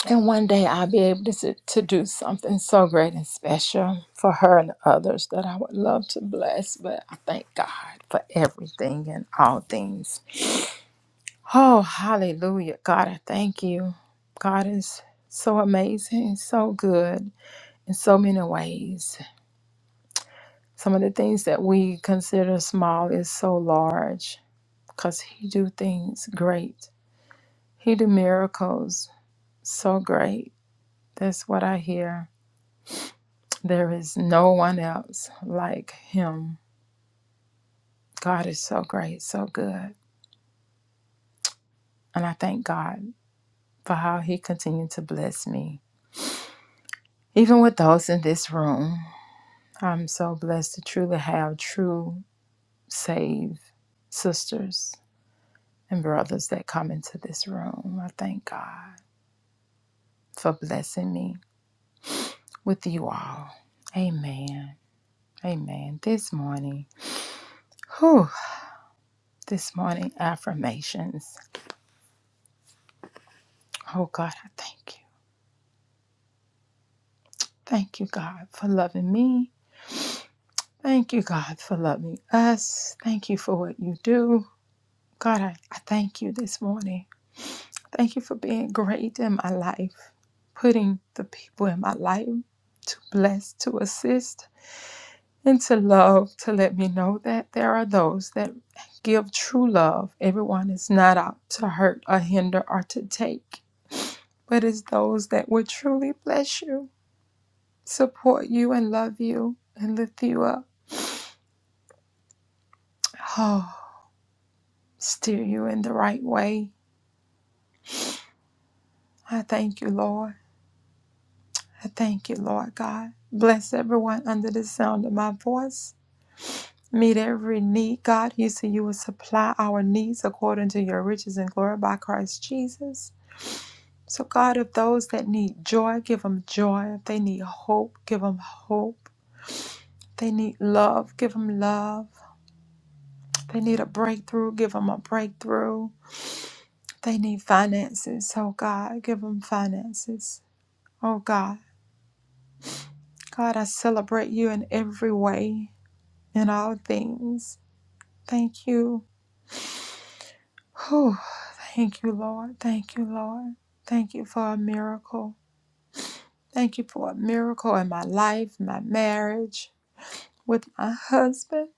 D: And one day I'll be able to, s- to do something so great and special for her and others that I would love to bless. But I thank God for everything and all things. Oh, hallelujah. God, I thank you. God is so amazing, so good in so many ways. Some of the things that we consider small is so large because he do things great. He do miracles so great. That's what I hear. There is no one else like him. God is so great, so good. And I thank God for how he continued to bless me. Even with those in this room. I'm so blessed to truly have true, saved sisters and brothers that come into this room. I thank God for blessing me with you all. Amen. Amen. This morning, whew, this morning, affirmations. Oh God, I thank you. Thank you, God, for loving me. Thank you, God, for loving us. Thank you for what you do. God, I, I thank you this morning. Thank you for being great in my life, putting the people in my life to bless, to assist, and to love, to let me know that there are those that give true love. Everyone is not out to hurt or hinder or to take, but is those that would truly bless you, support you, and love you, and lift you up. Oh, steer you in the right way. I thank you, Lord. I thank you, Lord God. Bless everyone under the sound of my voice. Meet every need, God. You said you will supply our needs according to your riches and glory by Christ Jesus. So, God, if those that need joy, give them joy. If they need hope, give them hope. If they need love, give them love. If they need a breakthrough, give them a breakthrough. If they need finances, oh God, give them finances. Oh God, God, I celebrate you in every way, in all things. Thank you. Whew. Thank you, Lord. Thank you, Lord. Thank you for a miracle. Thank you for a miracle in my life, my marriage, with my husband.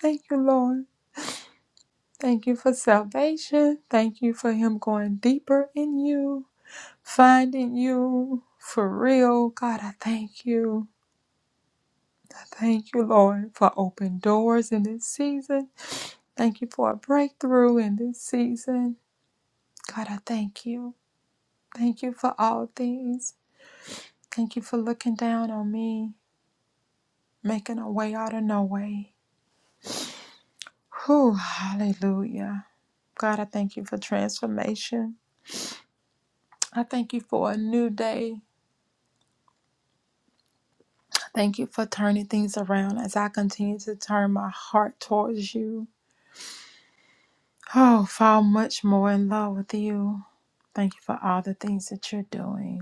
D: Thank you, Lord. Thank you for salvation. Thank you for him going deeper in you, finding you for real. God, I thank you. I thank you, Lord, for open doors in this season. Thank you for a breakthrough in this season. God, I thank you. Thank you for all things. Thank you for looking down on me, making a way out of no way. Whew, hallelujah. God, I thank you for transformation. I thank you for a new day. Thank you for turning things around as I continue to turn my heart towards you. Oh, fall much more in love with you. Thank you for all the things that you're doing.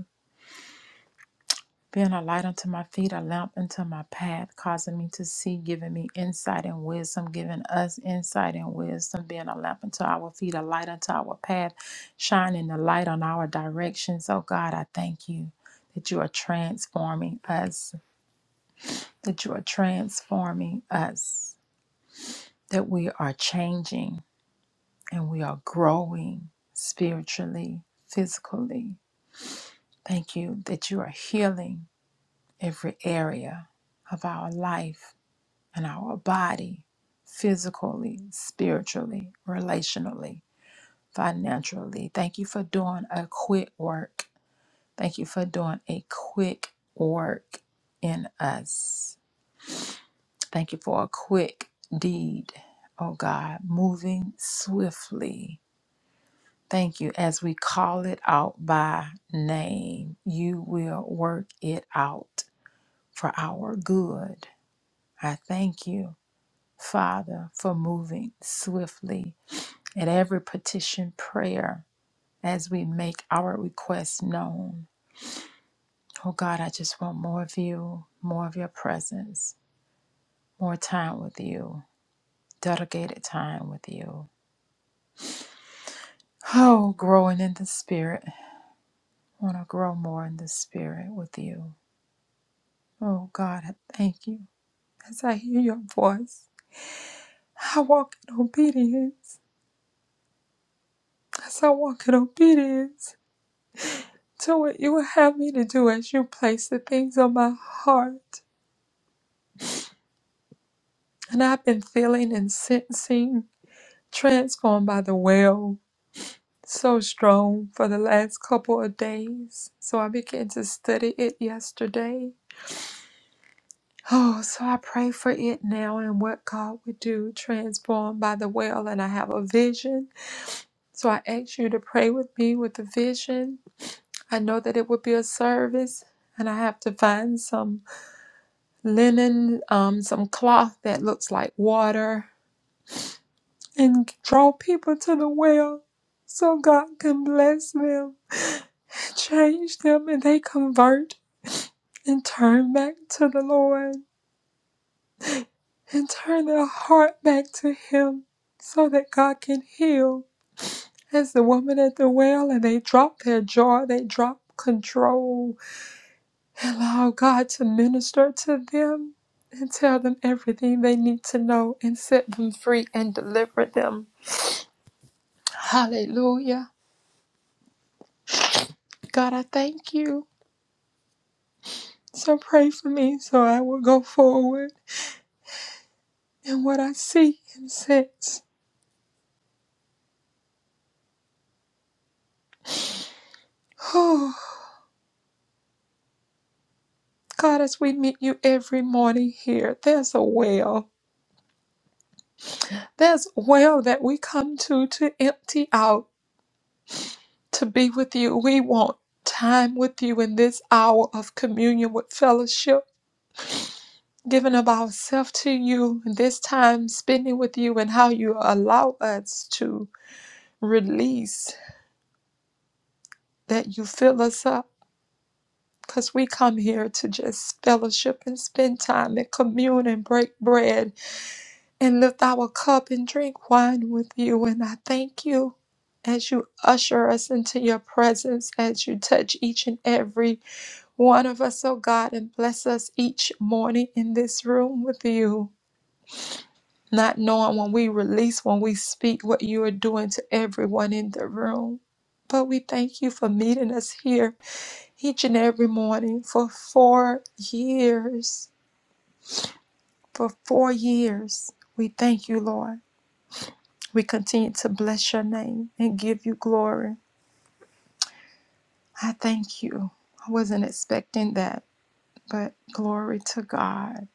D: being a light unto my feet, a lamp unto my path, causing me to see, giving me insight and wisdom, giving us insight and wisdom, being a lamp unto our feet, a light unto our path, shining the light on our directions. Oh God, I thank you that you are transforming us, that you are transforming us, that we are changing and we are growing spiritually, physically. Thank you that you are healing every area of our life in our body, physically, spiritually, relationally, financially. Thank you for doing a quick work. Thank you for doing a quick work in us. Thank you for a quick deed, oh God, moving swiftly. Thank you. As we call it out by name, you will work it out for our good. I thank you, Father, for moving swiftly At every petition prayer as we make our requests known. Oh God, I just want more of you, more of your presence, more time with you, dedicated time with you. Oh, growing in the spirit. I want to grow more in the spirit with you. Oh God, I thank you. As I hear your voice, I walk in obedience. As I walk in obedience to what you would have me to do as you place the things on my heart. And I've been feeling and sensing transformed by the well so strong for the last couple of days. So I began to study it yesterday. Oh, so I pray for it now and what God would do, transformed by the well. And I have a vision. So I ask you to pray with me with the vision. I know that it would be a service. And I have to find some linen, um, some cloth that looks like water and draw people to the well so God can bless them and change them and they convert and turn back to the Lord and turn their heart back to Him so that God can heal. As the woman at the well, and they drop their jar, they drop control, and allow God to minister to them and tell them everything they need to know and set them free and deliver them. Hallelujah. God, I thank you. So pray for me so I will go forward in what I see and sense. Oh, God, as we meet you every morning here, there's a well. There's a well that we come to to empty out, to be with you. We want time with you in this hour of communion with fellowship. Giving of ourselves to you, and this time spending with you, and how you allow us to release that you fill us up Because we come here to just fellowship and spend time and commune and break bread and lift our cup and drink wine with you. And I thank you as you usher us into your presence, as you touch each and every one of us, oh God, and bless us each morning in this room with you. Not knowing when we release, when we speak, what you are doing to everyone in the room. But we thank you for meeting us here each and every morning for four years. For four years, we thank you, Lord. We continue to bless your name and give you glory. I thank you. I wasn't expecting that, but glory to God.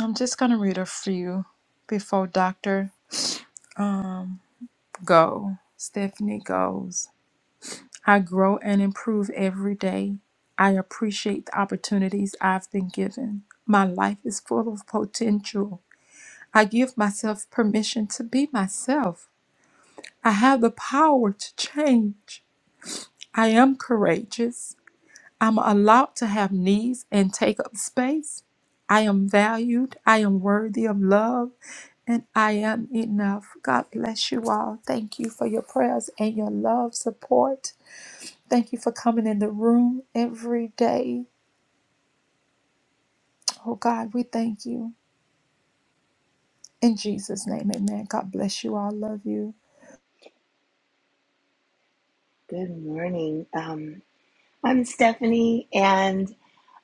D: I'm just going to read a few before Dr. Um, go. Stephanie goes. I grow and improve every day. I appreciate the opportunities I've been given. My life is full of potential I give myself permission to be myself. I have the power to change. I am courageous. I'm allowed to have needs and take up space. I am valued. I am worthy of love and I am enough. God bless you all. Thank you for your prayers and your love, support. Thank you for coming in the room every day. Oh God, we thank you. In Jesus' name, amen. God bless you all. Love you.
F: Good morning. Um, I'm Stephanie, and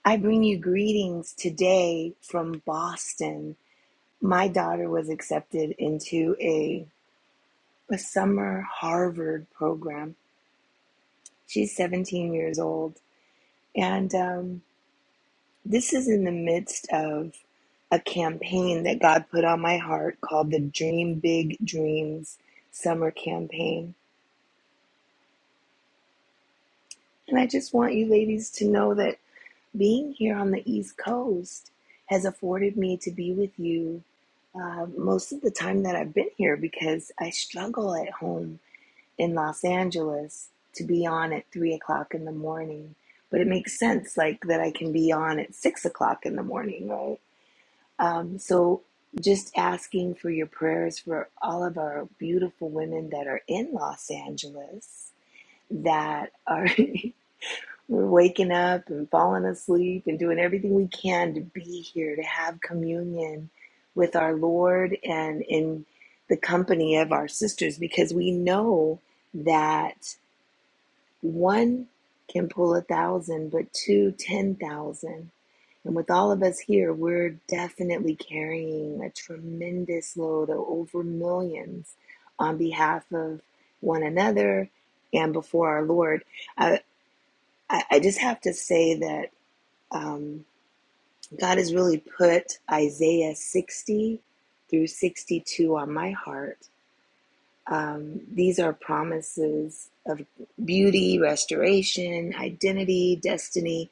F: I bring you greetings today from Boston. My daughter was accepted into a, a summer Harvard program. She's 17 years old, and um, this is in the midst of a campaign that God put on my heart called the Dream Big Dreams Summer Campaign. And I just want you ladies to know that being here on the East Coast has afforded me to be with you uh, most of the time that I've been here because I struggle at home in Los Angeles to be on at three o'clock in the morning. But it makes sense, like that I can be on at six o'clock in the morning, right? Um, so just asking for your prayers for all of our beautiful women that are in Los Angeles that are. We're waking up and falling asleep and doing everything we can to be here, to have communion with our Lord and in the company of our sisters, because we know that one can pull a thousand, but two, ten thousand. And with all of us here, we're definitely carrying a tremendous load of over millions on behalf of one another and before our Lord. I, I, I just have to say that um, God has really put Isaiah 60 through 62 on my heart. Um, these are promises of beauty, restoration, identity, destiny.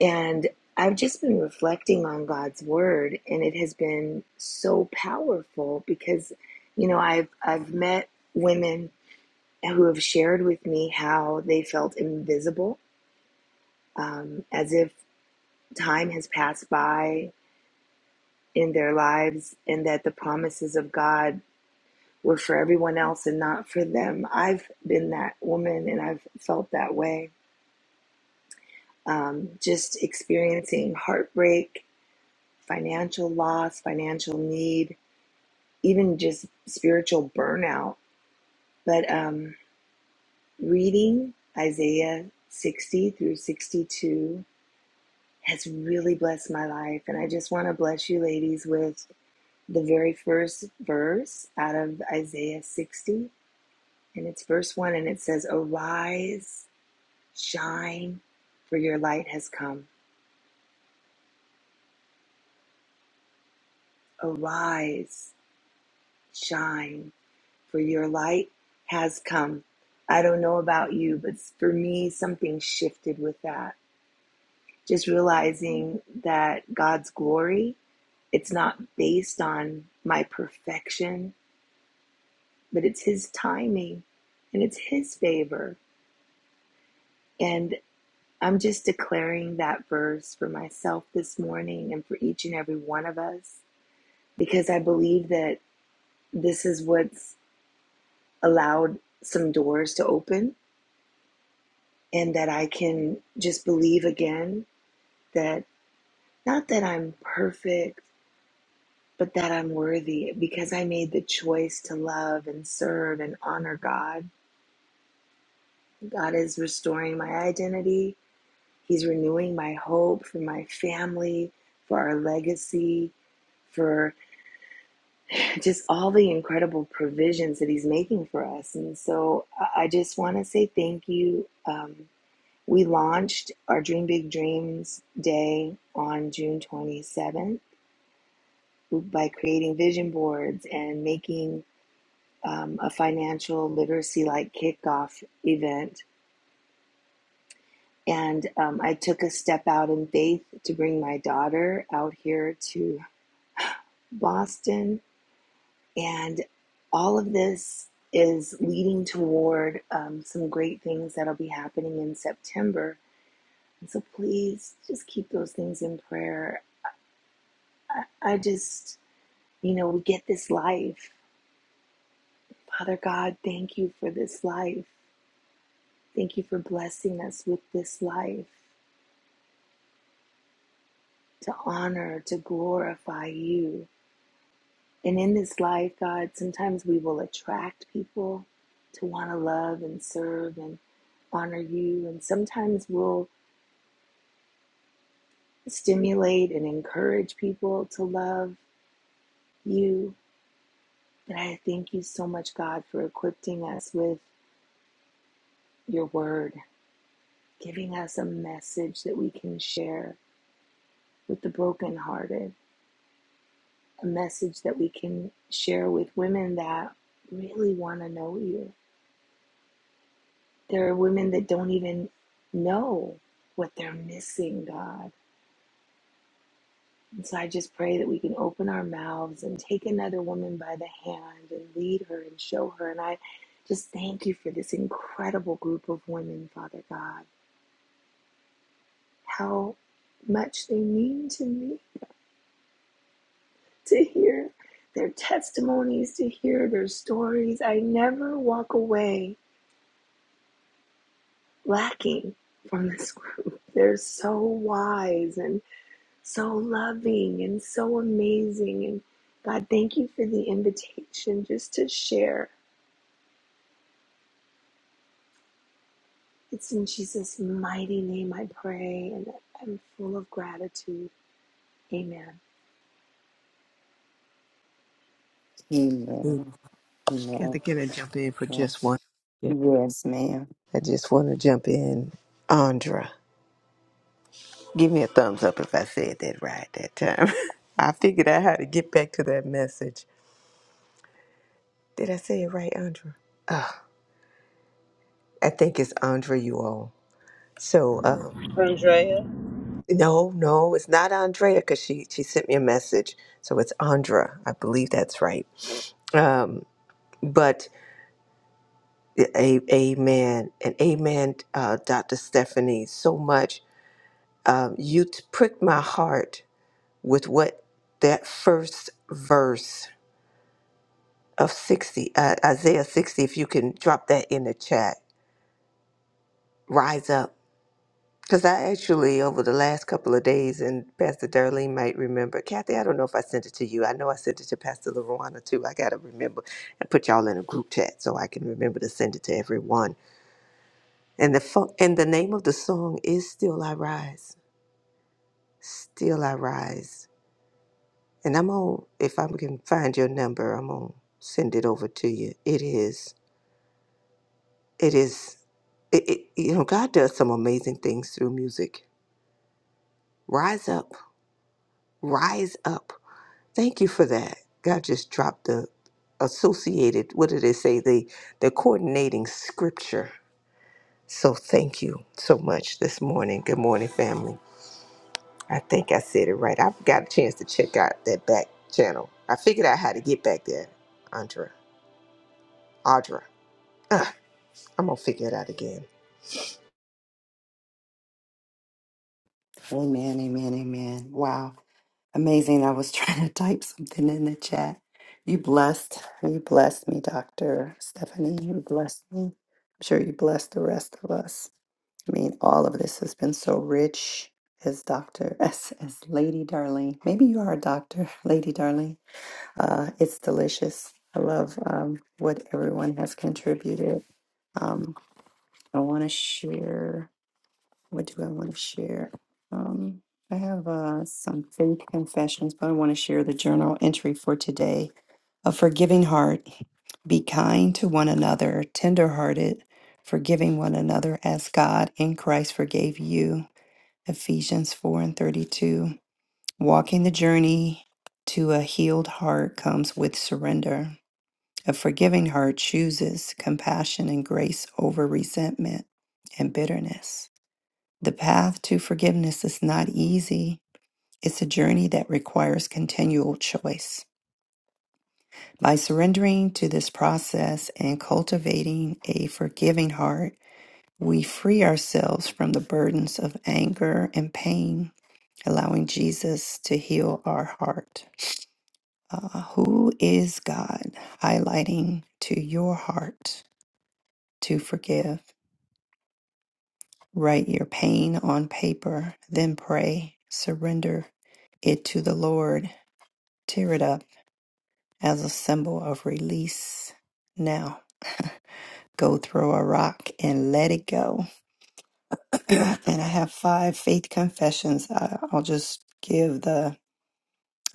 F: And I've just been reflecting on God's word, and it has been so powerful because, you know, I've, I've met women who have shared with me how they felt invisible um, as if time has passed by in their lives and that the promises of God were for everyone else and not for them. I've been that woman and I've felt that way. Um, just experiencing heartbreak, financial loss, financial need, even just spiritual burnout. But um, reading Isaiah 60 through 62 has really blessed my life. And I just want to bless you ladies with the very first verse out of Isaiah 60, and it's verse 1, and it says, Arise, shine, for your light has come. Arise, shine, for your light has come. I don't know about you, but for me, something shifted with that. Just realizing that God's glory, it's not based on my perfection, but it's His timing and it's His favor and. I'm just declaring that verse for myself this morning and for each and every one of us because I believe that this is what's allowed some doors to open and that I can just believe again that not that I'm perfect, but that I'm worthy because I made the choice to love and serve and honor God. God is restoring my identity, He's renewing my hope for my family, for our legacy, for just all the incredible provisions that he's making for us. And so I just want to say thank you. Um, we launched our Dream Big Dreams Day on June 27th by creating vision boards and making um, a financial literacy like kickoff event. And um, I took a step out in faith to bring my daughter out here to Boston And all of this is leading toward um, some great things that'll be happening in September. And so please just keep those things in prayer. I, I just, you know, we get this life. Father God, thank you for this life. Thank you for blessing us with this life to honor, to glorify you. And in this life, God, sometimes we will attract people to want to love and serve and honor you. And sometimes we'll stimulate and encourage people to love you. But I thank you so much, God, for equipping us with your word, giving us a message that we can share with the brokenhearted, a message that we can share with women that really want to know you There are women that don't even know what they're missing, God. And so I just pray that we can open our mouths and take another woman by the hand and lead her and show her. And I just thank you for this incredible group of women, Father God. How much they mean to me to hear their testimonies, to hear their stories. I never walk away lacking from this group. They're so wise and. so loving and so amazing. And God, thank you for the invitation just to share. It's in Jesus' mighty name I pray, and I'm full of gratitude. Amen.
A: Amen.
B: Kathy,
A: Amen.
B: can I jump in for
A: Uh,
B: just one? Yeah.
A: Yes, ma'am.
B: I just want to jump in. Andra, give me a thumbs up if I said that right that time. I figured out how to get back to that message. Did I say it right, Andra? Uh, I think it's Andra, you all. So, um,
E: Andrea,
B: no, no, it's not Andrea because she, she sent me a message. So it's Andra. I believe that's right. Um, but a, amen. And amen, uh, Dr. Stephanie, so much. um, you t- pricked my heart with what that first verse of 60, uh, Isaiah 60, if you can drop that in the chat, rise up. Because I actually, over the last couple of days, and Pastor Darlene might remember, Kathy, I don't know if I sent it to you. I know I sent it to Pastor LaRuana too. I got to remember and put y'all in a group chat so I can remember to send it to everyone. And the, fu- and the name of the song is Still I Rise. Still I Rise. And I'm on if I can find your number, I'm gonna send it over to you. It is it is it, it you know, God does some amazing things through music. Rise up, rise up. Thank you for that. God just dropped the associated what did it say? The the coordinating scripture. So thank you so much this morning. Good morning, family. I think I said it right. I've got a chance to check out that back channel. I figured out how to get back there, Andra. Audra. Uh, I'm gonna figure it out again.
A: Amen. Amen. Amen. Wow. Amazing. I was trying to type something in the chat. You blessed. You blessed me, Dr. Stephanie. You blessed me. I'm sure you blessed the rest of us. I mean, all of this has been so rich as Dr. as, as Lady Darling. Maybe you are a doctor, Lady Darling. Uh, it's delicious. I love um, what everyone has contributed. Um, I want to share. What do I want to share? Um, I have uh, some faith confessions, but I want to share the journal entry for today. A forgiving heart. Be kind to one another, tenderhearted, forgiving one another as God in Christ forgave you. Ephesians 4 and 32. Walking the journey to a healed heart comes with surrender. A forgiving heart chooses compassion and grace over resentment and bitterness. The path to forgiveness is not easy. It's a journey that requires continual choice. By surrendering to this process and cultivating a forgiving heart, we free ourselves from the burdens of anger and pain, allowing Jesus to heal our heart. Uh, who is God highlighting to your heart to forgive? Write your pain on paper, then pray. Surrender it to the Lord. Tear it up as a symbol of release. Now, go throw a rock and let it go. and I have five faith confessions. I- I'll just give the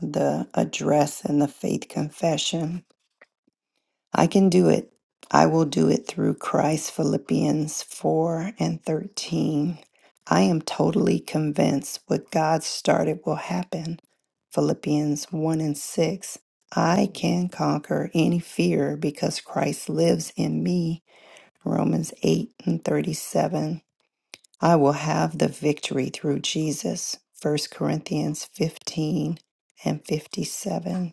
A: the address and the faith confession. I can do it. I will do it through Christ, Philippians 4 and 13. I am totally convinced what God started will happen, Philippians 1 and 6. I can conquer any fear because Christ lives in me, Romans 8 and 37. I will have the victory through Jesus, First Corinthians 15 and 57.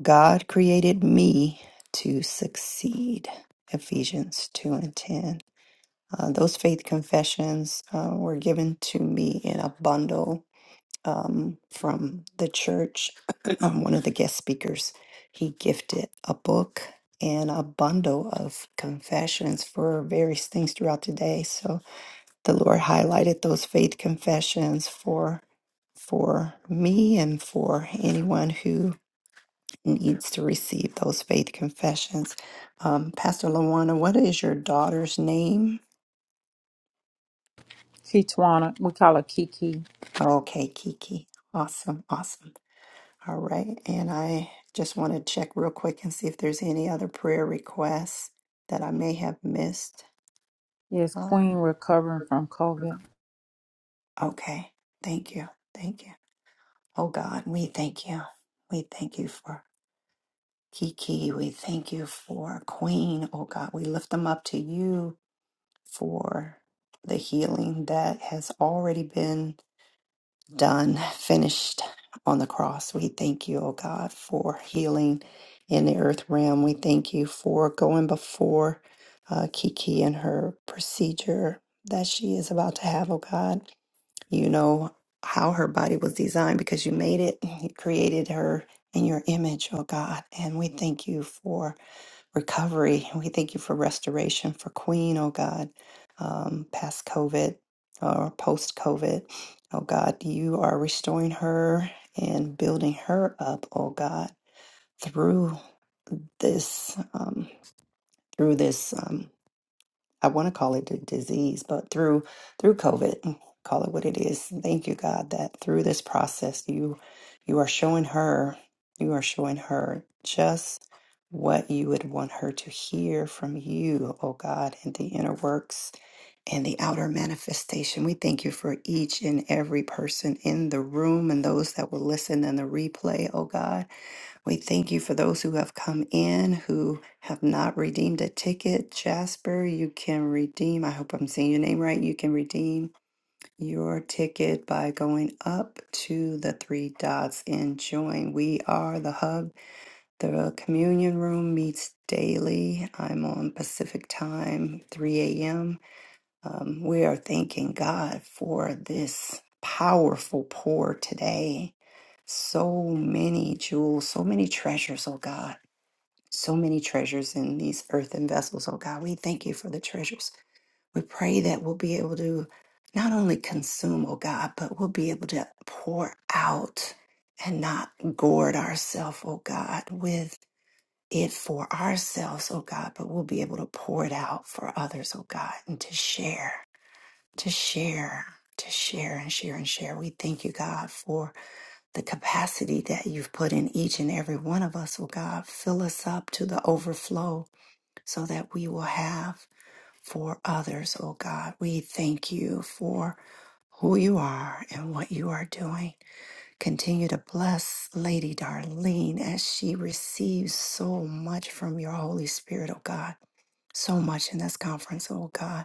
A: God created me to succeed. Ephesians 2 and 10. Uh, those faith confessions uh, were given to me in a bundle um, from the church. um, one of the guest speakers, he gifted a book and a bundle of confessions for various things throughout the day. So the Lord highlighted those faith confessions for for me and for anyone who needs to receive those faith confessions. Um, Pastor Lawana, what is your daughter's name?
D: Kitwana, we call her Kiki.
A: Okay, Kiki. Awesome, awesome. All right. And I just want to check real quick and see if there's any other prayer requests that I may have missed.
D: Yes, Queen
A: Um,
D: recovering from COVID.
A: okay. Thank you. Thank you. Oh God, we thank you. We thank you for Kiki. We thank you for Queen. Oh God, we lift them up to you. for the healing that has already been done, finished on the cross. We thank you, O God, for healing in the earth realm. We thank you for going before uh, Kiki and her procedure that she is about to have, O God. You know how her body was designed because you made it, you created her in your image, oh God. And we thank you for recovery. We thank you for restoration for Queen, oh God, um, past COVID or post COVID. Oh God, you are restoring her and building her up, oh God, through this, um, through this. Um, I want to call it a disease, but through through COVID, mm, call it what it is. Thank you, God, that through this process, you you are showing her, you are showing her just what you would want her to hear from you, oh God, in the inner works and the outer manifestation. We thank you for each and every person in the room and those that will listen in the replay, oh God. We thank you for those who have come in who have not redeemed a ticket. Jasper, you can redeem. I hope I'm saying your name right. You can redeem your ticket by going up to the three dots and join. We are the hub. The communion room meets daily. I'm on Pacific time, 3 a.m. Um, we are thanking God for this powerful pour today. So many jewels, so many treasures, oh God. So many treasures in these earthen vessels, oh God. We thank you for the treasures. We pray that we'll be able to not only consume, oh God, but we'll be able to pour out and not gourd ourselves, oh God, with it for ourselves, oh God, but we'll be able to pour it out for others, oh God, and to share to share, to share and share and share. We thank you, God, for the capacity that you've put in each and every one of us. Oh, God, fill us up to the overflow so that we will have for others. Oh, God, we thank you for who you are and what you are doing. Continue to bless Lady Darlene as she receives so much from your Holy Spirit, oh, God so much in this conference, oh God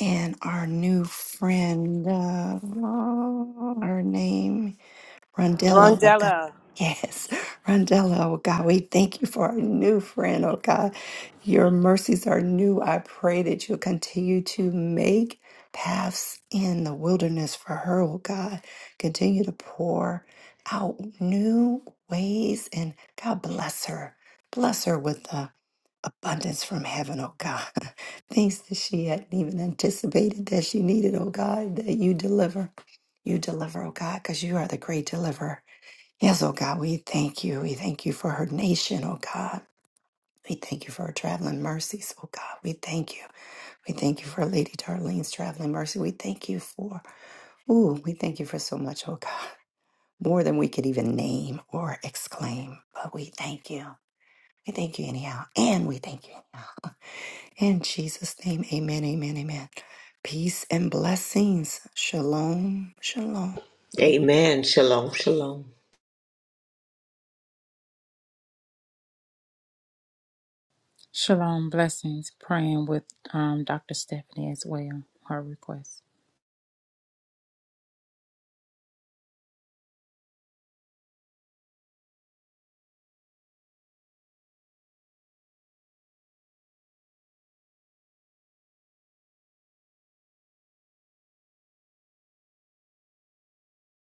A: and our new friend, uh, her name, Rondella, oh God.
E: Rondella.
A: Yes, Rondella, oh God, we thank you for our new friend, oh God. Your mercies are new. I pray that you'll continue to make paths in the wilderness for her, oh God. Continue to pour out new ways and God bless her. Bless her with the abundance from heaven, oh God. Things that she hadn't even anticipated that she needed, oh God, that you deliver. You deliver, oh God, because you are the great deliverer. Yes, oh God, we thank you. We thank you for her nation, oh God. We thank you for her traveling mercies, oh God. We thank you. We thank you for Lady Darlene's traveling mercy. We thank you for, ooh, we thank you for so much, oh God, more than we could even name or exclaim. But we thank you. We thank you anyhow. And we thank you. anyhow. In Jesus' name, amen, amen, amen. Peace and blessings. Shalom, shalom.
B: Amen. Shalom, shalom.
D: Shalom, blessings. Praying with um, Dr. Stephanie as well, her request.